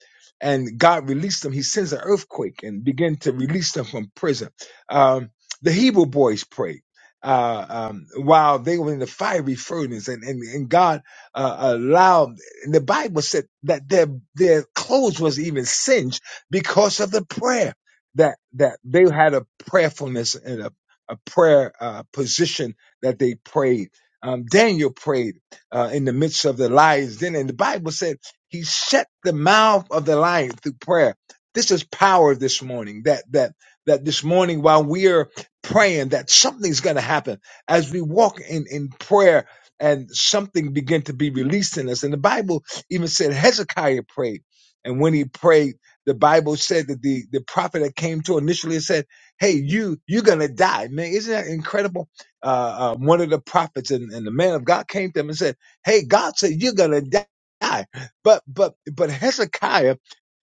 [SPEAKER 7] and God released them. He sends an earthquake and began to release them from prison. Um, the Hebrew boys prayed. Uh, um, while they were in the fiery furnace, and and, and God uh, allowed, and the Bible said that their their clothes was even singed because of the prayer that that they had a prayerfulness and a, a prayer uh, position that they prayed. Um, Daniel prayed uh, in the midst of the lions. Then, and the Bible said he shut the mouth of the lion through prayer. This is power this morning. That that that this morning while we are praying, that something's going to happen as we walk in in prayer. And something began to be released in us. And the Bible even said Hezekiah prayed. And when he prayed, the Bible said that the, the prophet that came to initially said, Hey, you, you're going to die. Man, isn't that incredible? Uh, uh, one of the prophets and, and the man of God came to him and said, Hey, God said, you're going to die. But, but, but Hezekiah,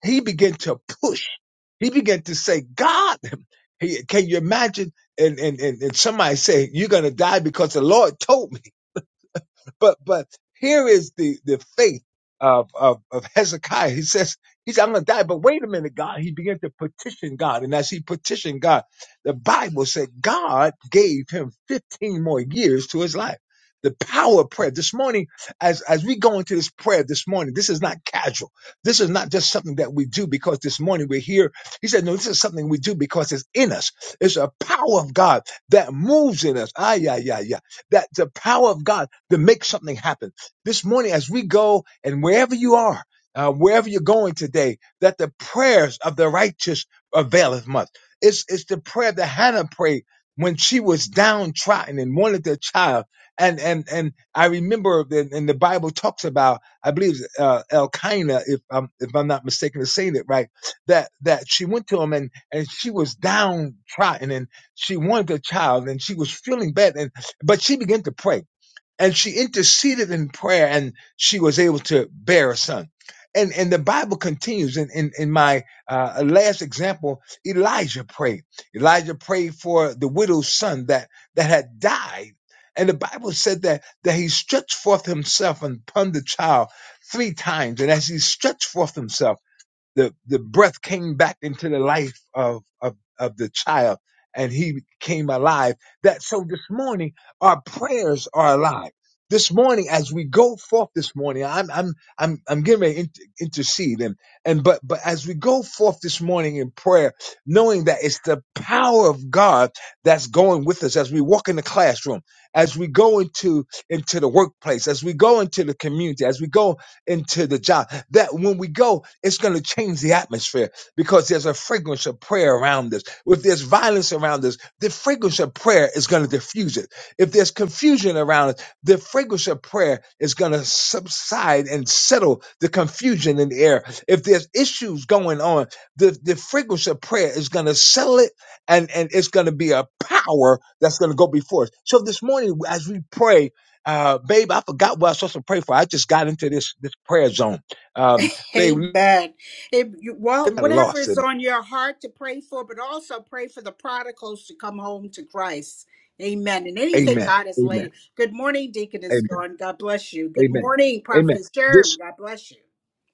[SPEAKER 7] he began to push. He began to say, God, he, can you imagine? And, and, and, and somebody say, you're going to die because the Lord told me. But but here is the the faith of of, of Hezekiah. He says he's I'm gonna die, but wait a minute, God. He began to petition God, and as he petitioned God, the Bible said God gave him 15 more years to his life. The power of prayer. This morning, as as we go into this prayer this morning, this is not casual. This is not just something that we do because this morning we're here. He said, No, this is something we do because it's in us. It's a power of God that moves in us. Ah, yeah, yeah, that the power of God to make something happen. This morning, as we go and wherever you are, uh, wherever you're going today, that the prayers of the righteous availeth much. It's, it's the prayer that Hannah prayed when she was downtrodden and wanted a child. And, and, and I remember that in the Bible talks about, I believe, uh, Elkanah, if I'm, if I'm not mistaken in saying it right, that, that she went to him and, and she was downtrodden and she wanted a child and she was feeling bad. And but she began to pray and she interceded in prayer and she was able to bear a son. And, and the Bible continues in, in, in my uh, last example, Elijah prayed. Elijah prayed for the widow's son that, that had died. And the Bible said that, that he stretched forth himself upon the child three times. And as he stretched forth himself, the the breath came back into the life of of of the child and he came alive that so this morning our prayers are alive this morning as we go forth this morning i'm i'm i'm i'm getting ready to inter- intercede and and but but as we go forth this morning in prayer knowing that it's the power of god that's going with us as we walk in the classroom as we go into into the workplace as we go into the community as we go into the job. That when we go, it's going to change the atmosphere because there's a fragrance of prayer around us. If there's violence around us, the fragrance of prayer is going to diffuse it. If there's confusion around us, the fragrance of prayer is going to subside and settle the confusion in the air. If there's issues going on, the, the fragrance of prayer is going to settle it and, and it's going to be a power that's going to go before us. So this morning, as we pray, uh, babe, I forgot what I was supposed to pray for. I just got into this this prayer zone. Um, babe,
[SPEAKER 1] Amen. If you, well,
[SPEAKER 7] I'm
[SPEAKER 1] whatever
[SPEAKER 7] lost
[SPEAKER 1] is
[SPEAKER 7] in
[SPEAKER 1] on your heart to pray for, but also pray for the prodigals to come home to Christ. Amen. And
[SPEAKER 7] it.
[SPEAKER 1] anything
[SPEAKER 7] Amen.
[SPEAKER 1] God has
[SPEAKER 7] Amen.
[SPEAKER 1] laid. Good morning, Deaconess
[SPEAKER 7] Amen.
[SPEAKER 1] Dawn. God bless you. Good
[SPEAKER 7] Amen.
[SPEAKER 1] morning,
[SPEAKER 7] Amen.
[SPEAKER 1] Prophetess
[SPEAKER 7] This
[SPEAKER 1] Germ. God bless you.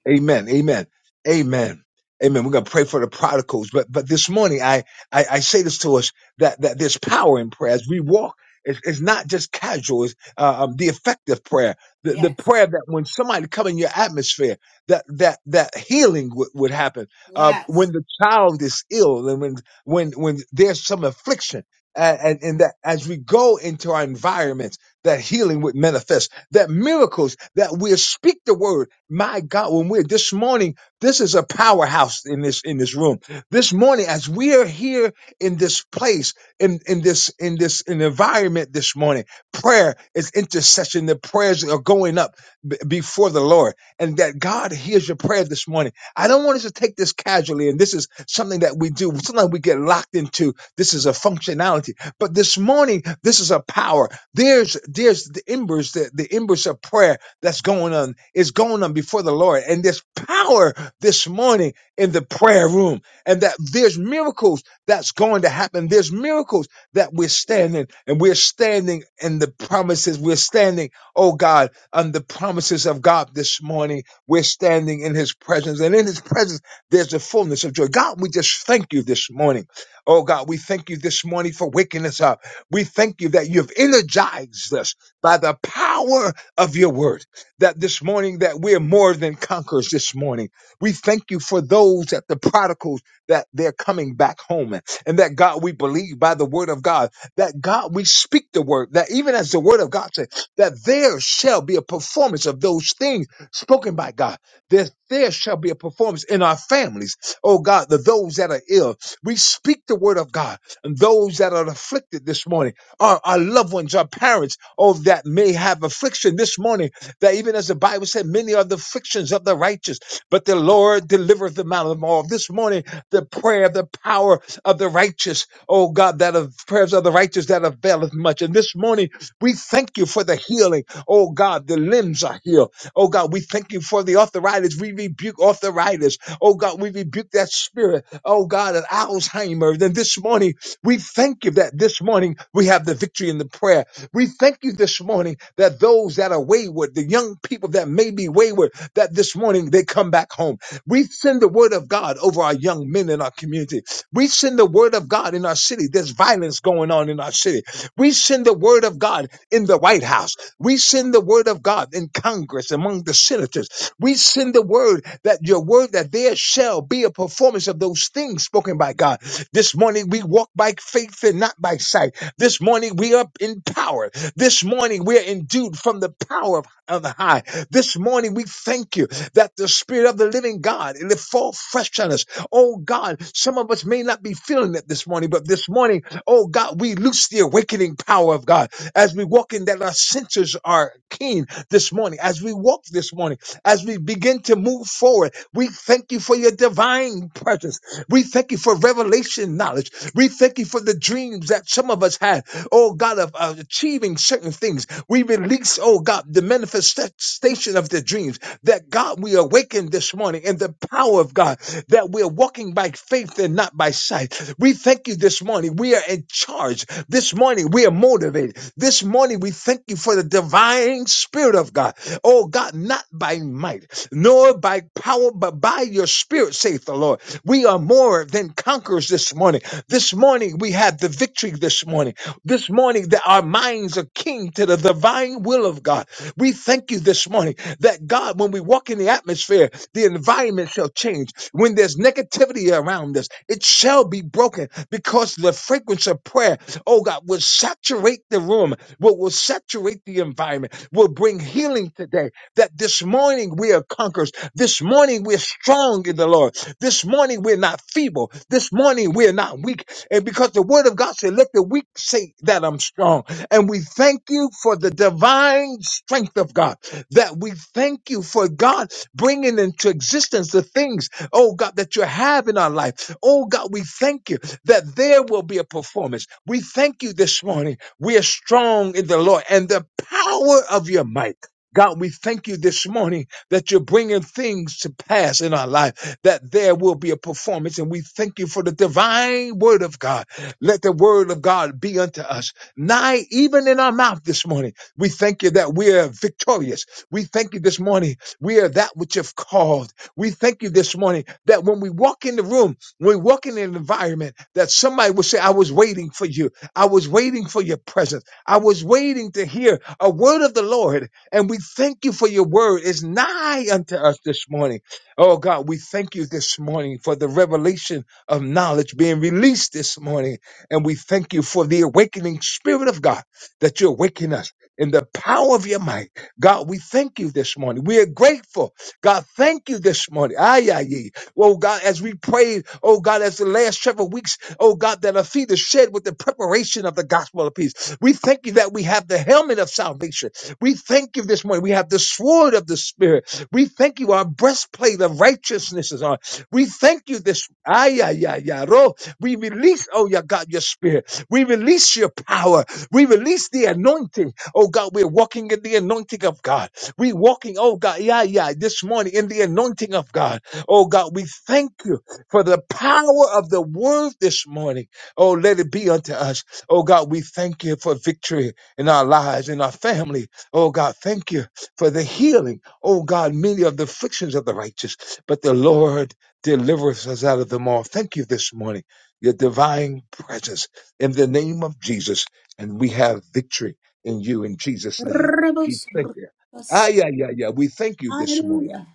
[SPEAKER 7] Amen. Amen. Amen. Amen. We're gonna pray for the prodigals. But but this morning I I, I say this to us that that there's power in prayer as we walk. It's, it's not just casual. It's uh, um, the effective prayer, the, the
[SPEAKER 1] Yes.
[SPEAKER 7] prayer that when somebody come in your atmosphere, that that that healing would would happen. Uh, when
[SPEAKER 1] Yes.
[SPEAKER 7] the child is ill, and when when when there's some affliction, and, and and that as we go into our environments, that healing would manifest that miracles, that we'll speak the word. My God, when we're this morning, this is a powerhouse in this in this room. This morning, as we are here in this place, in, in this in this in environment this morning, prayer is intercession. The prayers are going up b- before the Lord, and that God hears your prayer this morning. I don't want us to take this casually, and this is something that we do. Sometimes we get locked into this is a functionality, but this morning, this is a power. There's there's the embers, the, the embers of prayer that's going on. It's going on before the Lord. And there's power this morning in the prayer room. And that there's miracles that's going to happen. There's miracles that we're standing and we're standing in the promises. We're standing, oh God, on the promises of God this morning. We're standing in his presence. And in his presence, there's the fullness of joy. God, we just thank you this morning. Oh God, we thank you this morning for waking us up. We thank you that you've energized us by the power of your word. That this morning that we're more than conquerors this morning. We thank you for those that the prodigals that they're coming back home. And that God, we believe by the word of God, that God, we speak the word, that even as the word of God says, that there shall be a performance of those things spoken by God. That there shall be a performance in our families. Oh God, the those that are ill. We speak the word of God and those that are afflicted this morning, our, our loved ones, our parents, oh, that may have affliction this morning, that even as the Bible said, many are the afflictions of the righteous, but the Lord delivereth them out of them all. This morning, the prayer, the power of the righteous, oh God, that of prayers of the righteous that availeth much. And this morning, we thank you for the healing. Oh God, the limbs are healed. Oh God, we thank you for the arthritis. We rebuke arthritis. Oh God, we rebuke that spirit. Oh God, of Alzheimer's. And this morning, we thank you that this morning we have the victory in the prayer. We thank you this morning that those that are wayward, the young people that may be wayward, that this morning they come back home. We send the word of God over our young men in our community. We send the word of God in our city. There's violence going on in our city. We send the word of God in the White House. We send the word of God in Congress among the senators. We send the word that your word that there shall be a performance of those things spoken by God. This morning we walk by faith and not by sight. This morning we are empowered. This morning we are endued from the power of, of the high. This morning we thank you that the spirit of the living God it fall fresh on us. Oh God, some of us may not be feeling it this morning, but this morning Oh God, we loose the awakening power of God as we walk in that our senses are keen this morning. As we walk this morning, as we begin to move forward, we thank you for your divine presence. We thank you for revelation knowledge. We thank you for the dreams that some of us had. Oh God, of of achieving certain things. We release, oh God, the manifestation of the dreams that God we awaken this morning in the power of God that we're walking by faith and not by sight. We thank you thank you this morning. We are in charge. This morning we are motivated. This morning we thank you for the divine spirit of God. Oh God, not by might, nor by power, but by your spirit, saith the Lord. We are more than conquerors this morning. This morning we have the victory this morning. This morning that our minds are keen to the divine will of God. We thank you this morning that God, when we walk in the atmosphere, the environment shall change. When there's negativity around us, it shall be broken because the fragrance of prayer, oh God, will saturate the room, will, will saturate the environment, will bring healing today. That this morning we are conquerors. This morning we're strong in the Lord. This morning we're not feeble. This morning we're not weak. And because the word of God said, let the weak say that I'm strong. And we thank you for the divine strength of God. That we thank you for God bringing into existence the things, oh God, that you have in our life. Oh God, we thank you that there will be a performance. We thank you this morning. We are strong in the Lord and the power of your might. God, we thank you this morning that you're bringing things to pass in our life, that there will be a performance. And we thank you for the divine word of God. Let the word of God be unto us nigh even in our mouth this morning. We thank you that we are victorious. We thank you this morning. We are that which you've called. We thank you this morning that when we walk in the room, when we walk in an environment, that somebody will say, I was waiting for you. I was waiting for your presence. I was waiting to hear a word of the Lord. And we thank you for your word. is nigh unto us this morning. Oh God, we thank you this morning for the revelation of knowledge being released this morning. And we thank you for the awakening spirit of God that you awaken us in the power of your might. God, we thank you this morning. We are grateful. God, thank you this morning. Ay, ay, ay. Oh, God, as we prayed, oh, God, as the last several weeks, oh, God, that our feet are shed with the preparation of the gospel of peace. We thank you that we have the helmet of salvation. We thank you this morning. We have the sword of the spirit. We thank you. Our breastplate of righteousness is on. We thank you this. Ay, ay, ay, ay, ro. We release, oh, yeah, God, your spirit. We release your power. We release the anointing. Oh, God, we're walking in the anointing of God. we walking, oh, God, yeah, yeah, this morning in the anointing of God. Oh, God, we thank you for the power of the word this morning. Oh, let it be unto us. Oh, God, we thank you for victory in our lives, in our family. Oh, God, thank you for the healing. Oh, God, many of the afflictions of the righteous, but the Lord. Deliver us out of them all. Thank you this morning, your divine presence in the name of Jesus. And we have victory in you in Jesus' name. We thank you. Ah, yeah, yeah, yeah. We thank you this morning.
[SPEAKER 1] Hallelujah.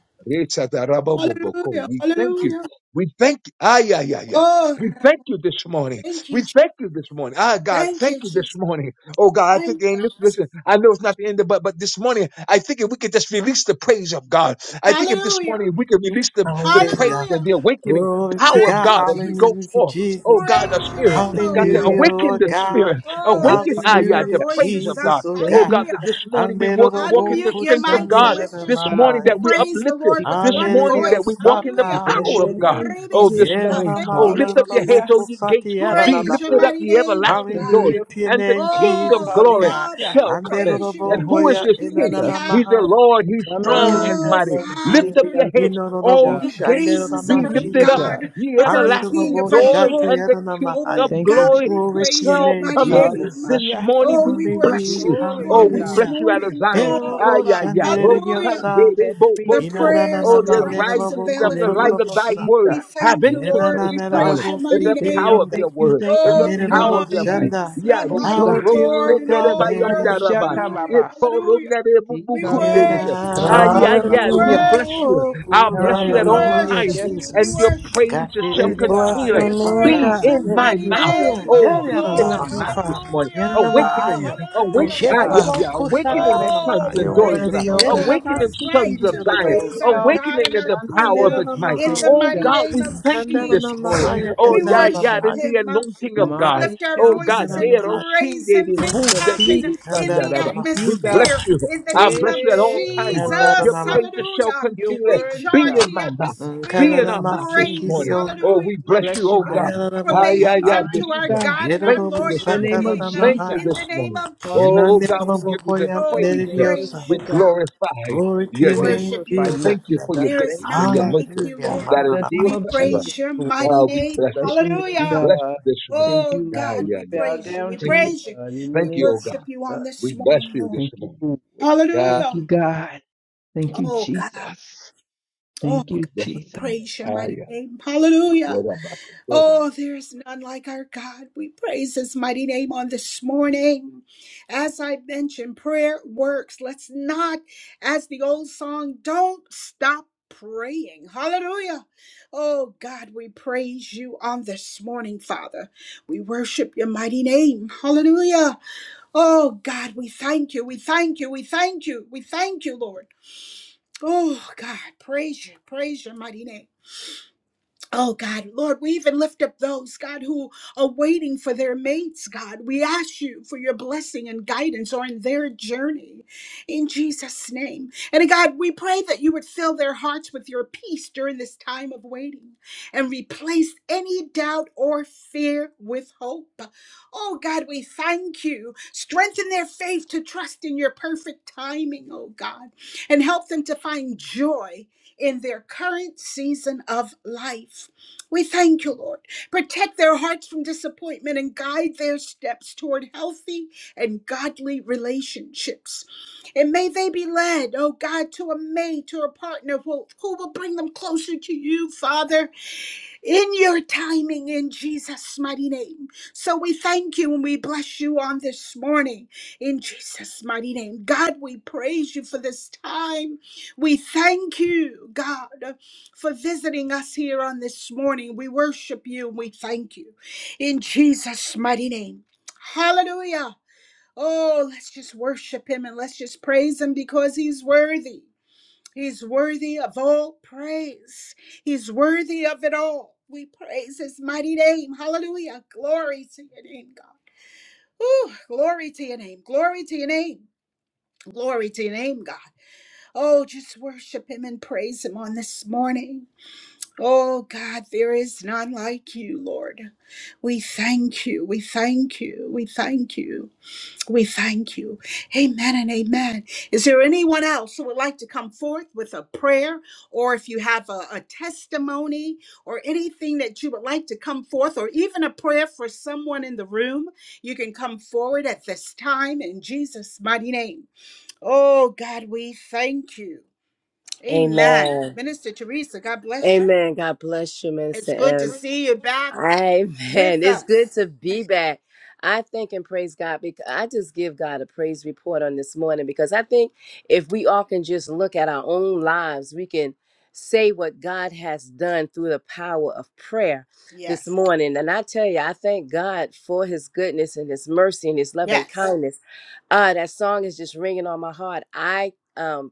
[SPEAKER 7] We thank you. We thank you. Ah, yeah, yeah, yeah. yeah.
[SPEAKER 1] Oh,
[SPEAKER 7] We thank you this morning.
[SPEAKER 1] thank
[SPEAKER 7] We
[SPEAKER 1] you. Je-
[SPEAKER 7] thank you this morning. Ah, God,
[SPEAKER 1] Thank
[SPEAKER 7] thank
[SPEAKER 1] you,
[SPEAKER 7] you this
[SPEAKER 1] Jesus.
[SPEAKER 7] morning. Oh, God, I think,
[SPEAKER 1] Thank you,
[SPEAKER 7] and listen,
[SPEAKER 1] Jesus.
[SPEAKER 7] listen, I know it's not the end, of, but, but this morning, I think if we could just release the praise of God, I think if this
[SPEAKER 1] Hallelujah.
[SPEAKER 7] morning we could release the the praise
[SPEAKER 5] Hallelujah.
[SPEAKER 7] and
[SPEAKER 1] Hallelujah.
[SPEAKER 7] the awakening
[SPEAKER 5] Glory to
[SPEAKER 7] power of
[SPEAKER 1] Thank
[SPEAKER 5] God.
[SPEAKER 1] you,
[SPEAKER 7] God as we
[SPEAKER 1] Jesus.
[SPEAKER 7] go
[SPEAKER 5] Hallelujah,
[SPEAKER 7] forth. Oh
[SPEAKER 5] Jesus.
[SPEAKER 7] God, the
[SPEAKER 1] Praise your
[SPEAKER 7] spirit.
[SPEAKER 1] name,
[SPEAKER 3] Thank
[SPEAKER 1] oh
[SPEAKER 7] God
[SPEAKER 3] you,
[SPEAKER 7] said,
[SPEAKER 1] God.
[SPEAKER 5] Hallelujah,
[SPEAKER 3] God.
[SPEAKER 7] awaken
[SPEAKER 5] Lord
[SPEAKER 7] the
[SPEAKER 3] Thank you,
[SPEAKER 5] God.
[SPEAKER 7] spirit.
[SPEAKER 1] Oh,
[SPEAKER 3] God.
[SPEAKER 7] Awaken,
[SPEAKER 1] let's
[SPEAKER 7] ah,
[SPEAKER 1] lift
[SPEAKER 7] yeah,
[SPEAKER 1] our
[SPEAKER 7] the
[SPEAKER 5] Hallelujah,
[SPEAKER 3] Hallelujah.
[SPEAKER 7] praise
[SPEAKER 1] voices
[SPEAKER 7] of God.
[SPEAKER 1] up.
[SPEAKER 5] Jesus, oh
[SPEAKER 7] Oh
[SPEAKER 3] Thank
[SPEAKER 5] God.
[SPEAKER 7] God,
[SPEAKER 3] you.
[SPEAKER 7] that
[SPEAKER 1] Hallelujah.
[SPEAKER 7] this morning we walk, walk in the
[SPEAKER 1] Unmute your
[SPEAKER 7] strength of
[SPEAKER 1] mics and
[SPEAKER 7] God.
[SPEAKER 3] Worship
[SPEAKER 1] let's
[SPEAKER 3] you,
[SPEAKER 7] This
[SPEAKER 1] just
[SPEAKER 3] God.
[SPEAKER 7] morning
[SPEAKER 5] Anderobokushanderemahaya.
[SPEAKER 7] that
[SPEAKER 3] Thank
[SPEAKER 7] we
[SPEAKER 3] you,
[SPEAKER 1] praise the
[SPEAKER 7] uplifted.
[SPEAKER 1] Lord with
[SPEAKER 7] This
[SPEAKER 3] Jesus.
[SPEAKER 1] one
[SPEAKER 7] morning that we
[SPEAKER 1] voice.
[SPEAKER 7] walk in the
[SPEAKER 3] We
[SPEAKER 1] Hallelujah.
[SPEAKER 3] bless
[SPEAKER 7] power of
[SPEAKER 3] your
[SPEAKER 7] God.
[SPEAKER 5] Anderediosatayeredio.
[SPEAKER 3] name,
[SPEAKER 7] Oh,
[SPEAKER 3] Jesus.
[SPEAKER 7] this
[SPEAKER 1] Ribisaka.
[SPEAKER 7] morning.
[SPEAKER 1] Thank
[SPEAKER 7] Oh,
[SPEAKER 1] you,
[SPEAKER 7] lift up your heads,
[SPEAKER 3] Hallelujah.
[SPEAKER 7] oh
[SPEAKER 1] Jesus.
[SPEAKER 7] ye gates. Be
[SPEAKER 3] Thank you,
[SPEAKER 1] Praise your
[SPEAKER 7] lifted
[SPEAKER 3] Lord.
[SPEAKER 5] Yerelamanderobokusatiyerelabahaya.
[SPEAKER 7] up,
[SPEAKER 1] mighty
[SPEAKER 7] ye
[SPEAKER 1] name, oh
[SPEAKER 7] everlasting
[SPEAKER 3] Thank
[SPEAKER 1] God.
[SPEAKER 7] doors.
[SPEAKER 5] Hallelujah
[SPEAKER 3] you.
[SPEAKER 5] to your
[SPEAKER 7] And the
[SPEAKER 5] name,
[SPEAKER 7] King of
[SPEAKER 5] Jesus,
[SPEAKER 1] Oh,
[SPEAKER 5] oh
[SPEAKER 7] glory
[SPEAKER 5] God.
[SPEAKER 1] Father,
[SPEAKER 3] Hallelujah.
[SPEAKER 1] we
[SPEAKER 7] shall come in.
[SPEAKER 1] praise you. We
[SPEAKER 7] And
[SPEAKER 3] Thank you,
[SPEAKER 7] who is
[SPEAKER 3] Lord
[SPEAKER 5] Anderobohoya
[SPEAKER 1] worship
[SPEAKER 7] this
[SPEAKER 1] you
[SPEAKER 7] King?
[SPEAKER 3] Jesus.
[SPEAKER 1] anyhow.
[SPEAKER 7] He's the
[SPEAKER 5] inanamahai.
[SPEAKER 7] Lord. He's strong
[SPEAKER 3] Ramananda,
[SPEAKER 7] and
[SPEAKER 1] Oh,
[SPEAKER 7] mighty.
[SPEAKER 3] Lord.
[SPEAKER 7] Lift
[SPEAKER 5] Ikandaramahaya.
[SPEAKER 3] Thank
[SPEAKER 7] up your
[SPEAKER 1] Father
[SPEAKER 3] you, Lord.
[SPEAKER 7] heads
[SPEAKER 5] Inororobo
[SPEAKER 7] O
[SPEAKER 1] the
[SPEAKER 7] ye
[SPEAKER 3] Thank
[SPEAKER 7] gates,
[SPEAKER 1] praises of
[SPEAKER 7] be
[SPEAKER 3] you,
[SPEAKER 1] our
[SPEAKER 7] lifted
[SPEAKER 3] Jesus.
[SPEAKER 7] up,
[SPEAKER 5] shanderamasiti.
[SPEAKER 1] God,
[SPEAKER 7] ye
[SPEAKER 1] of our King,
[SPEAKER 5] Handerorobo
[SPEAKER 7] everlasting
[SPEAKER 3] We
[SPEAKER 1] of our
[SPEAKER 3] bless
[SPEAKER 7] doors,
[SPEAKER 3] you.
[SPEAKER 1] Lord.
[SPEAKER 7] and the King
[SPEAKER 1] Oh
[SPEAKER 7] of
[SPEAKER 5] shatiyaranamahaya.
[SPEAKER 3] Thank you,
[SPEAKER 1] God,
[SPEAKER 7] glory
[SPEAKER 1] we
[SPEAKER 5] Glory to
[SPEAKER 3] Jesus.
[SPEAKER 5] your
[SPEAKER 1] praise your
[SPEAKER 7] shall
[SPEAKER 5] name,
[SPEAKER 1] mighty
[SPEAKER 7] come in.
[SPEAKER 5] Jesus.
[SPEAKER 1] name.
[SPEAKER 7] This
[SPEAKER 3] Hallelujah.
[SPEAKER 7] morning
[SPEAKER 1] Oh,
[SPEAKER 7] we
[SPEAKER 1] we
[SPEAKER 7] bless
[SPEAKER 1] worship
[SPEAKER 5] Hallelujah,
[SPEAKER 7] you.
[SPEAKER 1] you
[SPEAKER 3] Glory to
[SPEAKER 7] Oh,
[SPEAKER 1] on
[SPEAKER 7] we
[SPEAKER 3] God.
[SPEAKER 1] this
[SPEAKER 7] bless
[SPEAKER 5] hallelujah.
[SPEAKER 7] you out of
[SPEAKER 1] morning,
[SPEAKER 7] Zion.
[SPEAKER 3] Heal
[SPEAKER 7] Ay,
[SPEAKER 5] Erorobo
[SPEAKER 1] God.
[SPEAKER 3] God.
[SPEAKER 7] ay, ay.
[SPEAKER 3] Hallelujah.
[SPEAKER 1] Hallelujah.
[SPEAKER 5] shandereriosa.
[SPEAKER 7] Rosandere
[SPEAKER 3] Set
[SPEAKER 7] bo
[SPEAKER 3] free
[SPEAKER 1] The
[SPEAKER 3] and
[SPEAKER 7] boko.
[SPEAKER 3] deliver,
[SPEAKER 1] prayers
[SPEAKER 5] Inanana
[SPEAKER 7] Oh,
[SPEAKER 1] of
[SPEAKER 3] oh
[SPEAKER 1] the
[SPEAKER 7] the
[SPEAKER 3] God.
[SPEAKER 1] righteous
[SPEAKER 5] manderorobo
[SPEAKER 7] rising
[SPEAKER 3] In
[SPEAKER 7] of
[SPEAKER 1] availeth
[SPEAKER 7] the
[SPEAKER 3] the name
[SPEAKER 7] light of
[SPEAKER 3] of
[SPEAKER 1] much.
[SPEAKER 7] thy
[SPEAKER 5] kotororobosa.
[SPEAKER 7] word.
[SPEAKER 1] We
[SPEAKER 3] Jesus,
[SPEAKER 7] Have
[SPEAKER 1] thank you,
[SPEAKER 7] interest
[SPEAKER 1] Lord.
[SPEAKER 3] oh
[SPEAKER 7] this
[SPEAKER 1] We
[SPEAKER 3] God.
[SPEAKER 7] morning
[SPEAKER 1] praise
[SPEAKER 5] Yenananarabo
[SPEAKER 1] your
[SPEAKER 7] in
[SPEAKER 1] mighty
[SPEAKER 7] the
[SPEAKER 3] Thank
[SPEAKER 1] name.
[SPEAKER 7] power
[SPEAKER 3] you,
[SPEAKER 7] of
[SPEAKER 5] sikirionda.
[SPEAKER 7] your
[SPEAKER 3] thank you,
[SPEAKER 7] word,
[SPEAKER 3] thank
[SPEAKER 7] in
[SPEAKER 3] you,
[SPEAKER 7] the
[SPEAKER 1] Oh
[SPEAKER 3] thank you,
[SPEAKER 7] power
[SPEAKER 5] Handerorobo
[SPEAKER 7] of
[SPEAKER 1] God,
[SPEAKER 7] your
[SPEAKER 3] thank
[SPEAKER 1] there
[SPEAKER 7] might.
[SPEAKER 3] you.
[SPEAKER 5] shanda.
[SPEAKER 1] is
[SPEAKER 7] Yeah,
[SPEAKER 1] none
[SPEAKER 3] Oh
[SPEAKER 1] like
[SPEAKER 7] Vito
[SPEAKER 5] Power
[SPEAKER 1] you,
[SPEAKER 3] God.
[SPEAKER 5] to you,
[SPEAKER 1] Lord, in
[SPEAKER 7] Rosendere
[SPEAKER 1] all
[SPEAKER 5] God,
[SPEAKER 3] No
[SPEAKER 1] the
[SPEAKER 3] no more
[SPEAKER 1] earth.
[SPEAKER 5] amen.
[SPEAKER 7] Bayandaraba.
[SPEAKER 1] Hallelujah.
[SPEAKER 7] Ito
[SPEAKER 3] shatababasa.
[SPEAKER 1] Hallelujah.
[SPEAKER 7] Rungere
[SPEAKER 1] We
[SPEAKER 3] Tika no no
[SPEAKER 7] Bubukunderisha.
[SPEAKER 3] more
[SPEAKER 1] worship you,
[SPEAKER 7] Ah,
[SPEAKER 5] Yenam.
[SPEAKER 7] yeah,
[SPEAKER 1] God. We
[SPEAKER 7] yeah. We
[SPEAKER 3] shikitalabasa.
[SPEAKER 4] Hallelujah.
[SPEAKER 7] bless you.
[SPEAKER 1] worship you.
[SPEAKER 7] I'll
[SPEAKER 5] Oh,
[SPEAKER 7] bless
[SPEAKER 5] na
[SPEAKER 1] We
[SPEAKER 7] you
[SPEAKER 3] Yes,
[SPEAKER 5] na
[SPEAKER 7] at
[SPEAKER 5] na
[SPEAKER 7] all
[SPEAKER 3] Lord.
[SPEAKER 5] ma.
[SPEAKER 4] Hallelujah,
[SPEAKER 7] times,
[SPEAKER 1] worship
[SPEAKER 3] Yes,
[SPEAKER 1] you. We
[SPEAKER 7] and your
[SPEAKER 3] Lord.
[SPEAKER 4] Jesus.
[SPEAKER 1] worship you,
[SPEAKER 7] praises shall
[SPEAKER 4] We
[SPEAKER 3] Yes,
[SPEAKER 5] Mahaya.
[SPEAKER 1] Master.
[SPEAKER 4] bless
[SPEAKER 3] God.
[SPEAKER 7] continually
[SPEAKER 4] your
[SPEAKER 1] We
[SPEAKER 3] Yes,
[SPEAKER 4] name,
[SPEAKER 3] God.
[SPEAKER 7] be
[SPEAKER 1] praise
[SPEAKER 4] God.
[SPEAKER 1] your
[SPEAKER 7] in my
[SPEAKER 4] Thank
[SPEAKER 1] mighty
[SPEAKER 4] you.
[SPEAKER 7] mouth.
[SPEAKER 3] Love
[SPEAKER 1] name,
[SPEAKER 3] you,
[SPEAKER 7] Oh,
[SPEAKER 3] Lord
[SPEAKER 1] oh
[SPEAKER 7] be
[SPEAKER 5] Mahaya.
[SPEAKER 7] in our
[SPEAKER 1] Lord.
[SPEAKER 4] Thank
[SPEAKER 3] Jesus.
[SPEAKER 4] you,
[SPEAKER 7] mouth this
[SPEAKER 4] Father.
[SPEAKER 7] morning.
[SPEAKER 5] Mahaya.
[SPEAKER 3] God.
[SPEAKER 7] Awakening,
[SPEAKER 5] Mahaya.
[SPEAKER 1] Hallelujah.
[SPEAKER 3] Oh
[SPEAKER 4] Thank
[SPEAKER 7] awake,
[SPEAKER 1] Hallelujah.
[SPEAKER 4] you,
[SPEAKER 7] ah,
[SPEAKER 3] God.
[SPEAKER 7] yeah, yeah,
[SPEAKER 4] Father.
[SPEAKER 7] awakening
[SPEAKER 3] Direct us,
[SPEAKER 7] sons
[SPEAKER 1] Oh,
[SPEAKER 3] Lord,
[SPEAKER 7] and
[SPEAKER 3] in
[SPEAKER 7] daughters
[SPEAKER 3] the
[SPEAKER 7] of
[SPEAKER 1] praise
[SPEAKER 7] God.
[SPEAKER 3] name
[SPEAKER 1] the
[SPEAKER 3] of
[SPEAKER 1] Lord. It
[SPEAKER 3] Jesus.
[SPEAKER 7] Awakening
[SPEAKER 1] is right
[SPEAKER 7] sons of
[SPEAKER 1] to
[SPEAKER 7] Zion.
[SPEAKER 1] praise
[SPEAKER 3] In
[SPEAKER 1] our
[SPEAKER 3] our
[SPEAKER 1] God
[SPEAKER 7] Awakening
[SPEAKER 1] and
[SPEAKER 7] in
[SPEAKER 1] our
[SPEAKER 7] the
[SPEAKER 1] King
[SPEAKER 7] power
[SPEAKER 3] Shanti.
[SPEAKER 7] of
[SPEAKER 1] uh,
[SPEAKER 7] His might.
[SPEAKER 1] in
[SPEAKER 3] Thank
[SPEAKER 1] the
[SPEAKER 3] you,
[SPEAKER 7] Oh
[SPEAKER 3] God.
[SPEAKER 1] mighty
[SPEAKER 7] God,
[SPEAKER 1] name
[SPEAKER 7] we
[SPEAKER 1] of
[SPEAKER 7] thank you this
[SPEAKER 1] Jesus.
[SPEAKER 7] morning. Oh
[SPEAKER 3] Wonderful
[SPEAKER 1] We
[SPEAKER 7] yeah,
[SPEAKER 3] Savior.
[SPEAKER 7] yeah,
[SPEAKER 1] worship
[SPEAKER 7] in the
[SPEAKER 1] him. uh,
[SPEAKER 7] anointing of
[SPEAKER 1] When we
[SPEAKER 7] God.
[SPEAKER 3] Mighty
[SPEAKER 1] lift our
[SPEAKER 7] Oh God,
[SPEAKER 3] counselor.
[SPEAKER 1] voices and
[SPEAKER 7] there, oh sin,
[SPEAKER 1] praise
[SPEAKER 7] they
[SPEAKER 1] him,
[SPEAKER 7] did,
[SPEAKER 1] things
[SPEAKER 3] Prince
[SPEAKER 7] boo,
[SPEAKER 3] of
[SPEAKER 7] that they
[SPEAKER 1] happen
[SPEAKER 3] Peace.
[SPEAKER 7] did, son,
[SPEAKER 1] in
[SPEAKER 7] that,
[SPEAKER 1] the
[SPEAKER 7] uh,
[SPEAKER 3] Thank
[SPEAKER 7] we
[SPEAKER 3] you, God.
[SPEAKER 7] bless
[SPEAKER 1] atmosphere.
[SPEAKER 7] you.
[SPEAKER 1] In the
[SPEAKER 7] I
[SPEAKER 1] name
[SPEAKER 7] bless
[SPEAKER 1] of
[SPEAKER 7] you at
[SPEAKER 3] Hey,
[SPEAKER 7] all
[SPEAKER 3] you're
[SPEAKER 7] times.
[SPEAKER 3] worthy,
[SPEAKER 7] Your
[SPEAKER 1] Jesus,
[SPEAKER 3] Lord.
[SPEAKER 7] praises shall
[SPEAKER 1] hallelujah.
[SPEAKER 3] You're
[SPEAKER 7] continue.
[SPEAKER 1] We
[SPEAKER 3] worthy,
[SPEAKER 7] Be
[SPEAKER 1] charge
[SPEAKER 3] God.
[SPEAKER 7] in
[SPEAKER 1] the
[SPEAKER 7] my mouth. Be
[SPEAKER 1] atmosphere
[SPEAKER 7] in
[SPEAKER 3] Thank
[SPEAKER 1] with
[SPEAKER 7] our
[SPEAKER 3] you,
[SPEAKER 7] mouth this
[SPEAKER 3] Jesus.
[SPEAKER 1] praise,
[SPEAKER 7] morning. Oh,
[SPEAKER 1] hallelujah,
[SPEAKER 7] we
[SPEAKER 3] We
[SPEAKER 1] um,
[SPEAKER 7] bless you,
[SPEAKER 3] bless you,
[SPEAKER 7] oh
[SPEAKER 1] and with
[SPEAKER 7] God.
[SPEAKER 3] God.
[SPEAKER 7] Ah,
[SPEAKER 3] We
[SPEAKER 7] yeah,
[SPEAKER 1] acclamations
[SPEAKER 7] yeah.
[SPEAKER 3] honor
[SPEAKER 7] this
[SPEAKER 1] unto
[SPEAKER 3] you,
[SPEAKER 1] our
[SPEAKER 7] morning.
[SPEAKER 3] God.
[SPEAKER 1] God and
[SPEAKER 7] Thank
[SPEAKER 1] our
[SPEAKER 7] you
[SPEAKER 1] Lord
[SPEAKER 7] this
[SPEAKER 3] In
[SPEAKER 1] and
[SPEAKER 3] the
[SPEAKER 1] our
[SPEAKER 7] morning.
[SPEAKER 3] name
[SPEAKER 1] King.
[SPEAKER 3] of
[SPEAKER 1] uh,
[SPEAKER 7] Thank
[SPEAKER 3] Jesus.
[SPEAKER 7] you
[SPEAKER 1] In
[SPEAKER 7] this
[SPEAKER 1] the name
[SPEAKER 7] morning.
[SPEAKER 1] of
[SPEAKER 7] Oh
[SPEAKER 3] Hallelujah.
[SPEAKER 7] God,
[SPEAKER 1] Jesus,
[SPEAKER 7] we give you the
[SPEAKER 1] Oh, we
[SPEAKER 7] praise.
[SPEAKER 3] Thank you,
[SPEAKER 1] praise
[SPEAKER 7] We
[SPEAKER 1] you,
[SPEAKER 3] Lord God.
[SPEAKER 1] God.
[SPEAKER 7] glorify
[SPEAKER 5] Glory to
[SPEAKER 1] We
[SPEAKER 7] your
[SPEAKER 3] We
[SPEAKER 5] your
[SPEAKER 7] name.
[SPEAKER 5] name,
[SPEAKER 1] worship you,
[SPEAKER 3] glorify you,
[SPEAKER 5] Jesus.
[SPEAKER 1] Lord.
[SPEAKER 7] Thank you for
[SPEAKER 3] Jesus.
[SPEAKER 7] your
[SPEAKER 1] There is
[SPEAKER 3] Thank
[SPEAKER 7] goodness
[SPEAKER 3] you,
[SPEAKER 7] and
[SPEAKER 1] none
[SPEAKER 7] your
[SPEAKER 3] God.
[SPEAKER 1] like
[SPEAKER 7] mercy
[SPEAKER 1] you,
[SPEAKER 5] Hallelujah.
[SPEAKER 1] Lord.
[SPEAKER 5] La,
[SPEAKER 7] that
[SPEAKER 3] In
[SPEAKER 5] la,
[SPEAKER 3] the
[SPEAKER 5] la.
[SPEAKER 3] name
[SPEAKER 7] endures
[SPEAKER 1] We
[SPEAKER 3] of
[SPEAKER 7] forever.
[SPEAKER 3] Jesus,
[SPEAKER 1] praise your
[SPEAKER 3] Lord.
[SPEAKER 1] mighty
[SPEAKER 7] Oh, we
[SPEAKER 1] name.
[SPEAKER 7] bless you.
[SPEAKER 3] Bless your name,
[SPEAKER 7] We
[SPEAKER 1] Hallelujah.
[SPEAKER 7] bless
[SPEAKER 3] God.
[SPEAKER 7] you this morning.
[SPEAKER 3] Thank
[SPEAKER 1] Oh,
[SPEAKER 3] you,
[SPEAKER 7] Yeah,
[SPEAKER 1] God,
[SPEAKER 3] Lord.
[SPEAKER 1] we
[SPEAKER 7] yeah,
[SPEAKER 3] We
[SPEAKER 7] yeah,
[SPEAKER 3] bow
[SPEAKER 1] praise
[SPEAKER 7] yeah.
[SPEAKER 1] you. We
[SPEAKER 3] down to
[SPEAKER 7] Thank you.
[SPEAKER 3] you,
[SPEAKER 1] praise you.
[SPEAKER 3] God. In the
[SPEAKER 1] We
[SPEAKER 7] Thank
[SPEAKER 3] name
[SPEAKER 7] you, oh
[SPEAKER 1] worship
[SPEAKER 7] God.
[SPEAKER 1] you
[SPEAKER 3] of
[SPEAKER 1] on
[SPEAKER 3] Jesus.
[SPEAKER 1] this
[SPEAKER 7] We bless
[SPEAKER 1] morning,
[SPEAKER 7] you
[SPEAKER 1] Lord.
[SPEAKER 7] this
[SPEAKER 3] Thank you,
[SPEAKER 7] morning.
[SPEAKER 3] Lord.
[SPEAKER 7] Yeah,
[SPEAKER 3] Thank
[SPEAKER 1] Hallelujah.
[SPEAKER 3] you, God. Thank you,
[SPEAKER 1] Oh, God.
[SPEAKER 3] Jesus.
[SPEAKER 1] Oh,
[SPEAKER 3] Thank you,
[SPEAKER 7] bless
[SPEAKER 1] God, we
[SPEAKER 7] you.
[SPEAKER 3] Jesus.
[SPEAKER 1] praise your
[SPEAKER 7] Ah,
[SPEAKER 1] mighty
[SPEAKER 7] yeah.
[SPEAKER 1] name. Hallelujah.
[SPEAKER 7] Yeah, yeah, yeah.
[SPEAKER 1] Oh, there is none like our God. We praise his mighty name on this morning. As I mentioned, prayer works. Let's not, as the old song, don't stop praying. Hallelujah. Oh, God, we praise you on this morning, Father. We worship your mighty name. Hallelujah. Oh, God, we thank you. We thank you. We thank you. We thank you, Lord. Oh, God, praise you. Praise your mighty name. Oh God, Lord, we even lift up those, God, who are waiting for their mates, God. We ask you for your blessing and guidance on their journey in Jesus' name. And God, we pray that you would fill their hearts with your peace during this time of waiting and replace any doubt or fear with hope. Oh God, we thank you. Strengthen their faith to trust in your perfect timing, oh God, and help them to find joy in their current season of life. We thank you, Lord. Protect their hearts from disappointment and guide their steps toward healthy and godly relationships. And may they be led, oh God, to a mate, to a partner who, who will bring them closer to you, Father, in your timing in Jesus' mighty name. So we thank you and we bless you on this morning in Jesus' mighty name. God, we praise you for this time. We thank you, God, for visiting us here on this morning. We worship you and we thank you in Jesus' mighty name. Hallelujah. Oh, let's just worship him and let's just praise him because he's worthy. He's worthy of all praise. He's worthy of it all. We praise his mighty name. Hallelujah. Glory to your name, God. Ooh, glory to your name. Glory to your name. Glory to your name, God. Oh, just worship him and praise him on this morning. Oh, God, there is none like you, Lord. We thank you. We thank you. We thank you. We thank you. Amen and amen. Is there anyone else who would like to come forth with a prayer or if you have a, a testimony or anything that you would like to come forth or even a prayer for someone in the room? You can come forward at this time in Jesus' mighty name. Oh, God, we thank you. Amen.
[SPEAKER 8] Amen.
[SPEAKER 1] Minister Teresa, God bless you.
[SPEAKER 8] Amen. God bless you,
[SPEAKER 1] It's
[SPEAKER 8] Minister
[SPEAKER 1] good to
[SPEAKER 8] M.
[SPEAKER 1] see you back
[SPEAKER 8] Amen.
[SPEAKER 1] with
[SPEAKER 8] It's good
[SPEAKER 1] us.
[SPEAKER 8] to be back. I thank and praise God because I just give God a praise report on this morning because I think if we all can just look at our own lives, we can say what God has done through the power of prayer
[SPEAKER 1] Yes,
[SPEAKER 8] this morning. And I tell you, I thank God for his goodness and his mercy and his loving
[SPEAKER 1] yes,
[SPEAKER 8] kindness. Uh, that song is just ringing on my heart. I um,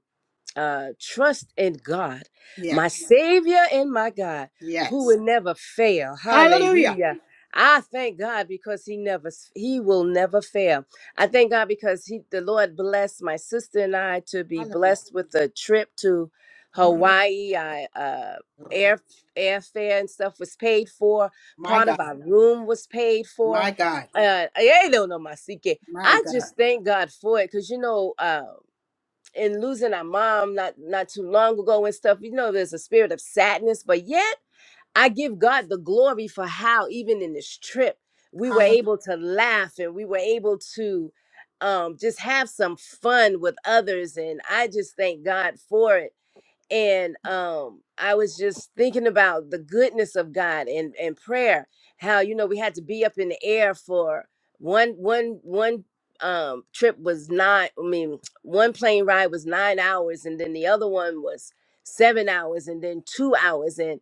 [SPEAKER 8] uh, trust in God, my
[SPEAKER 1] yes,
[SPEAKER 8] Savior and my God, who
[SPEAKER 1] yes.
[SPEAKER 8] will never fail.
[SPEAKER 1] Hallelujah.
[SPEAKER 8] Hallelujah. I thank God because He never He will never fail. I thank God because He the Lord blessed my sister and I to be
[SPEAKER 1] Hallelujah.
[SPEAKER 8] blessed with a trip to
[SPEAKER 1] My
[SPEAKER 8] Hawaii. I uh air airfare and stuff was paid for. Part
[SPEAKER 1] God,
[SPEAKER 8] of our room was paid for.
[SPEAKER 1] my God,
[SPEAKER 8] Uh, I don't know my secret.
[SPEAKER 1] my
[SPEAKER 8] I
[SPEAKER 1] God.
[SPEAKER 8] just thank God for it because you know. Uh, and losing our mom not not too long ago and stuff you know there's a spirit of sadness but yet i give god the glory for how even in this trip we were
[SPEAKER 1] Hallelujah.
[SPEAKER 8] able to laugh and we were able to um just have some fun with others and i just thank god for it and um i was just thinking about the goodness of god and and prayer how you know we had to be up in the air for one one one um trip was nine i mean one plane ride was nine hours and then the other one was seven hours and then two hours and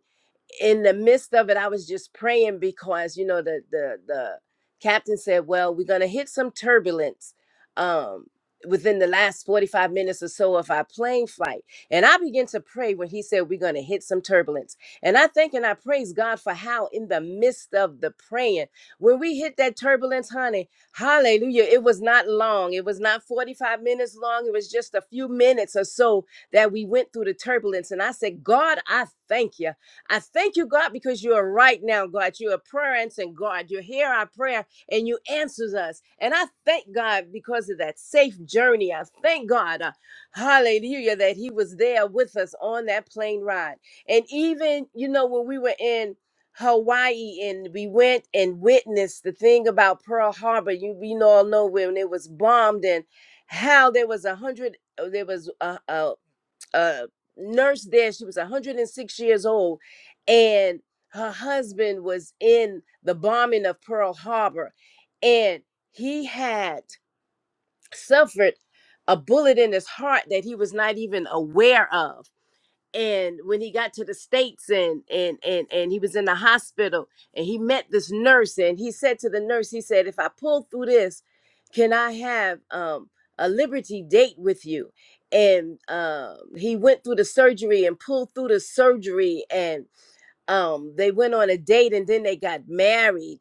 [SPEAKER 8] in the midst of it, I was just praying because you know the the the captain said, "Well, we're gonna hit some turbulence um, within the last forty five minutes or so of our plane flight." And I began to pray when he said, "We're gonna hit some turbulence." And I thank and I praise God for how in the midst of the praying, when we hit that turbulence, honey, Hallelujah! It was not long. It was not forty five minutes long. It was just a few minutes or so that we went through the turbulence. And I said, "God, I thank you." I thank you, God, because you are right now, God. You are prayer answering God. You hear our prayer and you answers us. And I thank God because of that safe journey. I thank God, uh, hallelujah, that He was there with us on that plane ride. And even, you know, when we were in Hawaii and we went and witnessed the thing about Pearl Harbor, you, you know, all know when it was bombed and how there was a hundred, uh, there was a, uh, nurse there. She was 106 years old, and her husband was in the bombing of Pearl Harbor, and he had suffered a bullet in his heart that he was not even aware of and when he got to the states and and and and he was in the hospital and he met this nurse and he said to the nurse he said if i pull through this can i have um a liberty date with you and um he went through the surgery and pulled through the surgery and um they went on a date and then they got married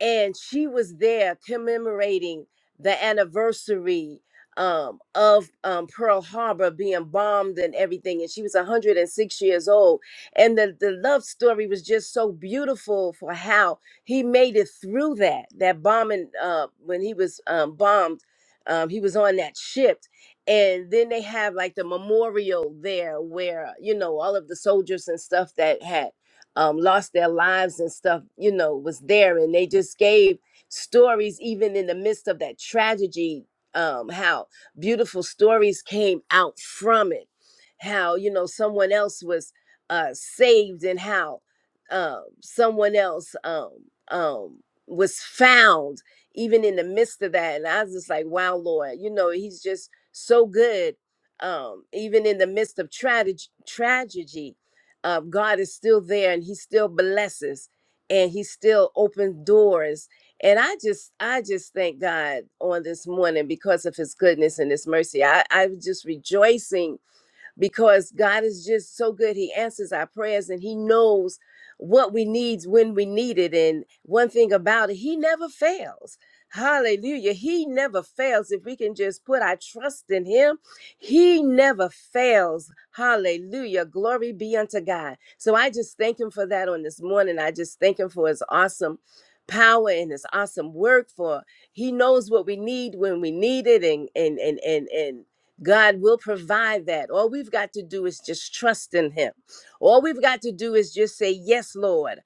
[SPEAKER 8] and she was there commemorating the anniversary um of um Pearl Harbor being bombed and everything and she was 106 years old and the the love story was just so beautiful for how he made it through that that bombing uh when he was um bombed um he was on that ship and then they have like the memorial there where you know all of the soldiers and stuff that had um, lost their lives and stuff, you know, was there. And they just gave stories, even in the midst of that tragedy, um, how beautiful stories came out from it, how, you know, someone else was uh, saved and how uh, someone else um, um, was found even in the midst of that. And I was just like, wow, Lord, you know, he's just so good. Um, even in the midst of tragedy, tragedy, uh, God is still there and he still blesses and he still opens doors. And I just I just thank God on this morning because of his goodness and his mercy. I, I was just rejoicing because God is just so good. He answers our prayers and He knows what we need when we need it. And one thing about it, He never fails. Hallelujah. He never fails. If we can just put our trust in Him, He never fails. Hallelujah. Glory be unto God. So I just thank Him for that on this morning. I just thank Him for His awesome power and his awesome work for he knows what we need when we need it and and and and and God will provide that. All we've got to do is just trust in Him. All we've got to do is just say, Yes, Lord.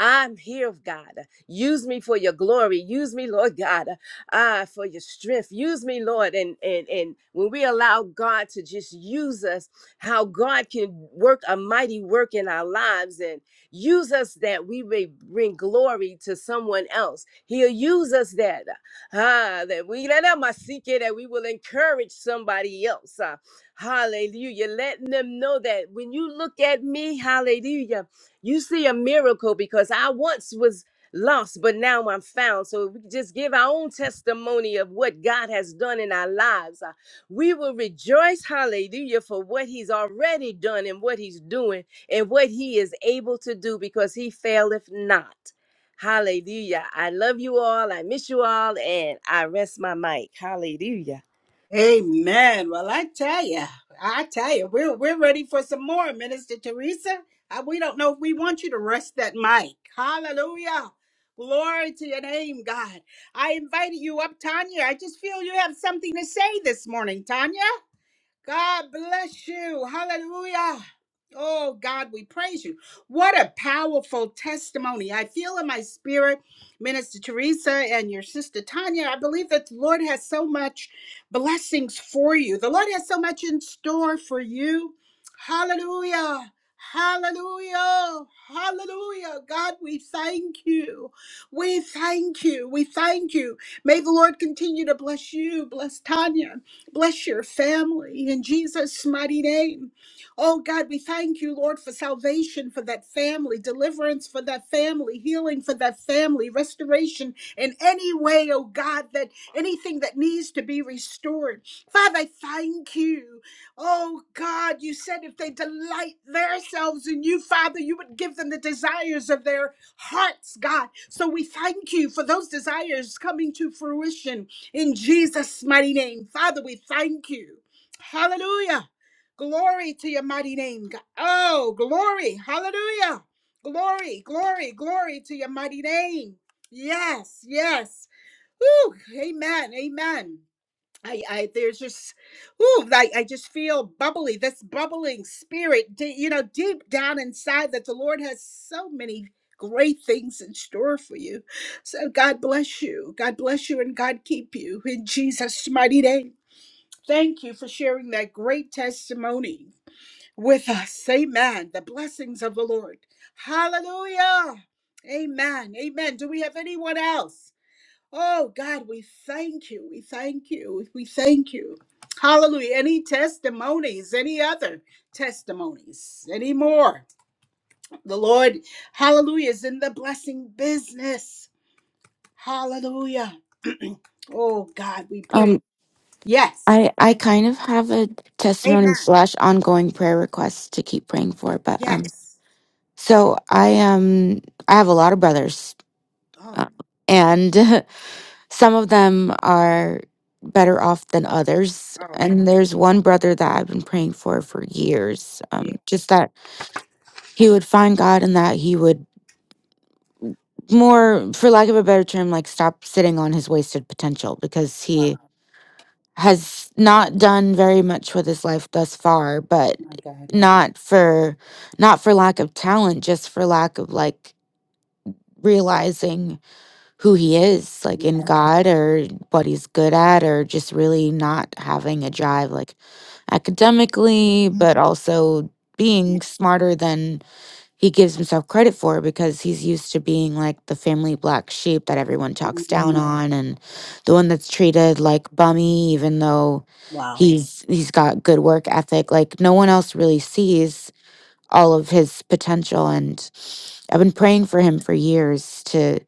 [SPEAKER 8] I'm here, God. Use me for your glory. Use me, Lord God, ah, for your strength. Use me, Lord. And and and when we allow God to just use us, how God can work a mighty work in our lives and use us that we may bring glory to someone else. He'll use us that. Ah, that we let out my secret that we will encourage somebody else. Ah, hallelujah. Letting them know that when you look at me, hallelujah, you see a miracle because I once was lost, but now I'm found. So we just give our own testimony of what God has done in our lives. Ah, we will rejoice, hallelujah, for what He's already done and what He's doing and what He is able to do because He faileth not. Hallelujah. I love you all. I miss you all. And I rest my mic. Hallelujah.
[SPEAKER 1] Amen. Well, I tell you, I tell you, we're we're ready for some more, Minister Teresa. Uh, we don't know if we want you to rest that mic. Hallelujah. Glory to your name, God. I invited you up, Tanya. I just feel you have something to say this morning, Tanya. God bless you. Hallelujah. Oh, God, we praise you. What a powerful testimony. I feel in my spirit, Minister Teresa and your sister Tanya. I believe that the Lord has so much blessings for you, the Lord has so much in store for you. Hallelujah. Hallelujah. Hallelujah. God, we thank you. We thank you. We thank you. May the Lord continue to bless you, bless Tanya, Bless your family in Jesus' mighty name. Oh God, we thank you, Lord, for salvation for that family, deliverance for that family, healing for that family, restoration in any way, oh God, that anything that needs to be restored. Father, I thank you. Oh God, you said if they delight themselves in you, Father, you would give them the desires of their hearts, God. So we thank you for those desires coming to fruition. In Jesus' mighty name, Father, we thank you. Hallelujah. Glory to your mighty name. God. Oh, glory. Hallelujah. Glory, glory, glory to your mighty name. Yes, yes. Whew. Amen. Amen. I, I there's just ooh like I just feel bubbly this bubbling spirit d- you know deep down inside that the Lord has so many great things in store for you so God bless you God bless you and God keep you in Jesus mighty name thank you for sharing that great testimony with us amen the blessings of the Lord hallelujah amen amen do we have anyone else Oh God, we thank you. We thank you. We thank you. Hallelujah. Any testimonies, any other testimonies, any more? The Lord, hallelujah, is in the blessing business. Hallelujah. oh God, we pray.
[SPEAKER 6] Um,
[SPEAKER 1] Yes.
[SPEAKER 6] I, I kind of have a testimony
[SPEAKER 1] Amen.
[SPEAKER 6] slash ongoing prayer request to keep praying for, but um,
[SPEAKER 1] Yes.
[SPEAKER 6] so I um I have a lot of brothers,
[SPEAKER 1] Oh,
[SPEAKER 6] uh, and some of them are better off than others,
[SPEAKER 1] oh,
[SPEAKER 6] and there's one brother that I've been praying for for years, um,
[SPEAKER 1] yeah.
[SPEAKER 6] just that he would find God and that he would more for lack of a better term like stop sitting on his wasted potential because
[SPEAKER 1] Wow.
[SPEAKER 6] he has not done very much with his life thus far but
[SPEAKER 1] My God.
[SPEAKER 6] not for not for lack of talent just for lack of like realizing who he is like in god or what he's good at or just really not having a drive like academically but also being smarter than he gives himself credit for it because he's used to being like the family black sheep that everyone talks down hmm
[SPEAKER 1] Mhm.
[SPEAKER 6] on and the one that's treated like bummy even though
[SPEAKER 1] Wow.
[SPEAKER 6] he's he's got good work ethic like no one else really sees all of his potential and i've been praying for him for years to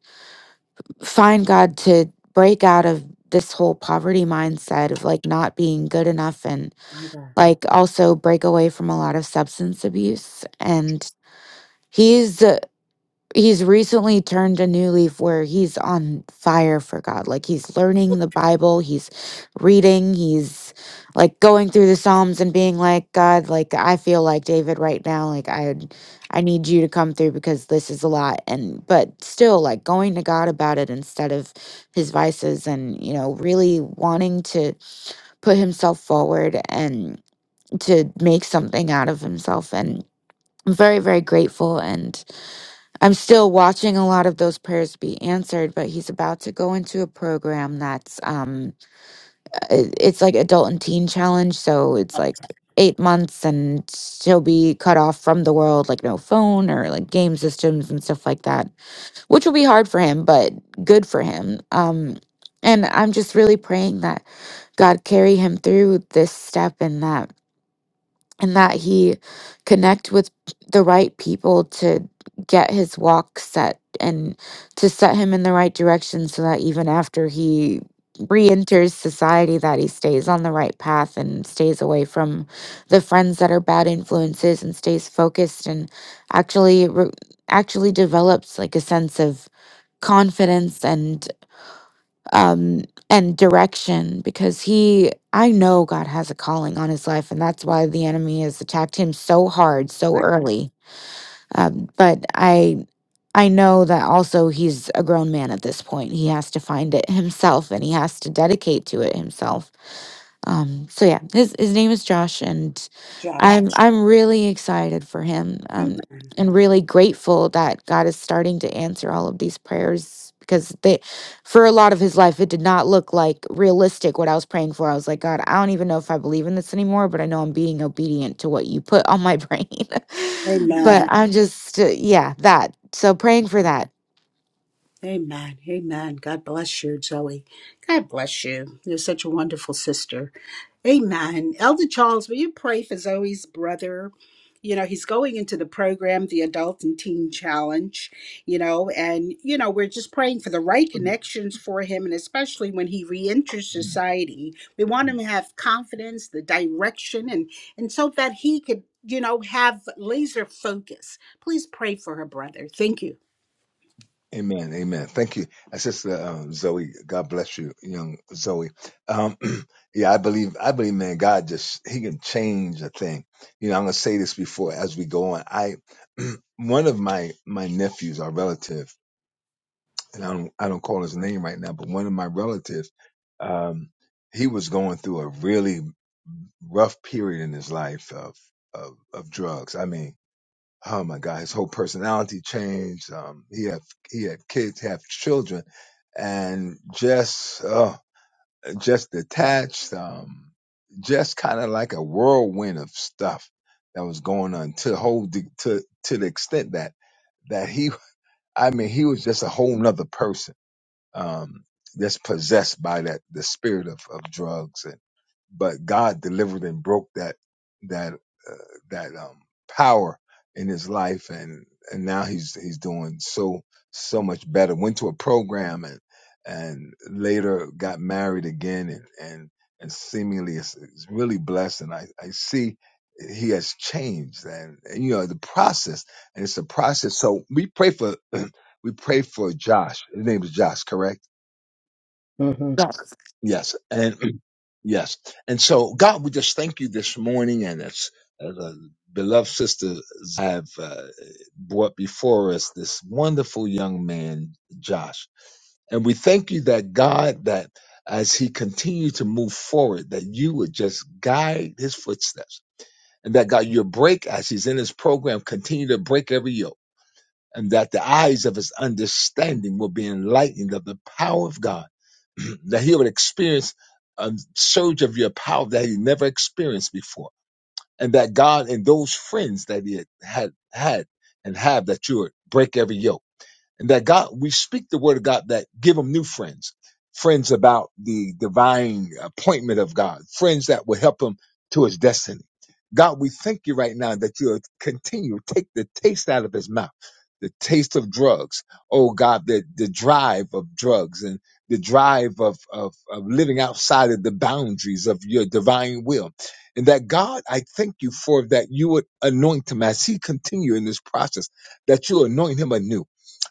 [SPEAKER 6] find god to break out of this whole poverty mindset of like not being good enough and
[SPEAKER 1] My God.
[SPEAKER 6] like also break away from a lot of substance abuse and he's he's recently turned a new leaf where he's on fire for God. Like he's learning the Bible, he's reading, he's like going through the Psalms and being like, God, like I feel like David right now, like I I need you to come through because this is a lot and but still like going to God about it instead of his vices and you know really wanting to put himself forward and to make something out of himself and I'm very very grateful and. I'm still watching a lot of those prayers be answered, but he's about to go into a program that's um i- it's like adult and teen challenge, so it's like 8 months and he'll be cut off from the world like no phone or like game systems and stuff like that, which will be hard for him, but good for him. Um and I'm just really praying that God carry him through this step and that and that he connect with the right people to get his walk set and to set him in the right direction so that even after he re-enters society that he stays on the right path and stays away from the friends that are bad influences and stays focused and actually re- actually develops like a sense of confidence and um, and direction because he, I know God has a calling on his life, and that's why the enemy has attacked him so hard, so
[SPEAKER 1] My
[SPEAKER 6] early. Um, but I, I know that also he's a grown man at this point. He has to find it
[SPEAKER 1] God.
[SPEAKER 6] himself, and he has to dedicate to it himself um, so yeah, his his name is Josh, and
[SPEAKER 1] Josh.
[SPEAKER 6] I'm I'm really excited for him,
[SPEAKER 1] Amen.
[SPEAKER 6] um, and really grateful that God is starting to answer all of these prayers because they, for a lot of his life, it did not look like realistic what I was praying for. I was like, God, I don't even know if I believe in this anymore, but I know I'm being obedient to what you put on my brain. but
[SPEAKER 1] Amen.
[SPEAKER 6] I'm just uh, yeah that so praying for that.
[SPEAKER 1] Amen. Amen. God bless you, Zoe. God bless you. You're such a wonderful sister. Amen. Elder Charles, will you pray for Zoe's brother? You know, he's going into the program, the Adult and Teen Challenge, you know, and, you know, we're just praying for the right connections for him. And especially when he reenters society, we want him to have confidence, the direction, and, and so that he could, you know, have laser focus. Please pray for her brother. Thank you.
[SPEAKER 7] Amen. Amen. Thank you, Uh, Sister um, Zoe. God bless you, young Zoe. Um, yeah, I believe. I believe, man. God just He can change a thing. You know, I'm gonna say this before as we go on. I one of my my nephews, our relative, and I don't I don't call his name right now, but one of my relatives, um, he was going through a really rough period in his life of of, of drugs. I mean oh my god, his whole personality changed. Um, he had he had kids, he had children, and just uh, just detached, um, just kind of like a whirlwind of stuff that was going on to hold the, to to the extent that that he, I mean, he was just a whole nother person um, that's possessed by that the spirit of, of drugs and but God delivered and broke that that uh, that um, power in his life, and and now he's he's doing so so much better. Went to a program and and later got married again, and and and seemingly is, is really blessed. And I I see he has changed, and, and you know the process, and it's a process. So we pray for we pray for Josh. His name is Josh, correct?
[SPEAKER 3] Mm-hmm.
[SPEAKER 7] Yes. And yes. And so, God, we just thank you this morning. And as, as uh, beloved sisters have uh, brought before us this wonderful young man, Josh. And we thank you that God, that as he continued to move forward, that you would just guide his footsteps. And that God, your break as he's in his program, continue to break every yoke and that the eyes of his understanding will be enlightened of the power of God, that he would experience a surge of your power that he never experienced before, and that God and those friends that he had had, had and have that you would break every yoke and that God, we speak the word of God that give them new friends, friends about the divine appointment of God, friends that will help him to his destiny. God, we thank you right now that you'll continue to take the taste out of his mouth, the taste of drugs. Oh God, the, the drive of drugs and the drive of, of, of living outside of the boundaries of your divine will. And that God, I thank you for that you would anoint him as he continue in this process, that you anoint him anew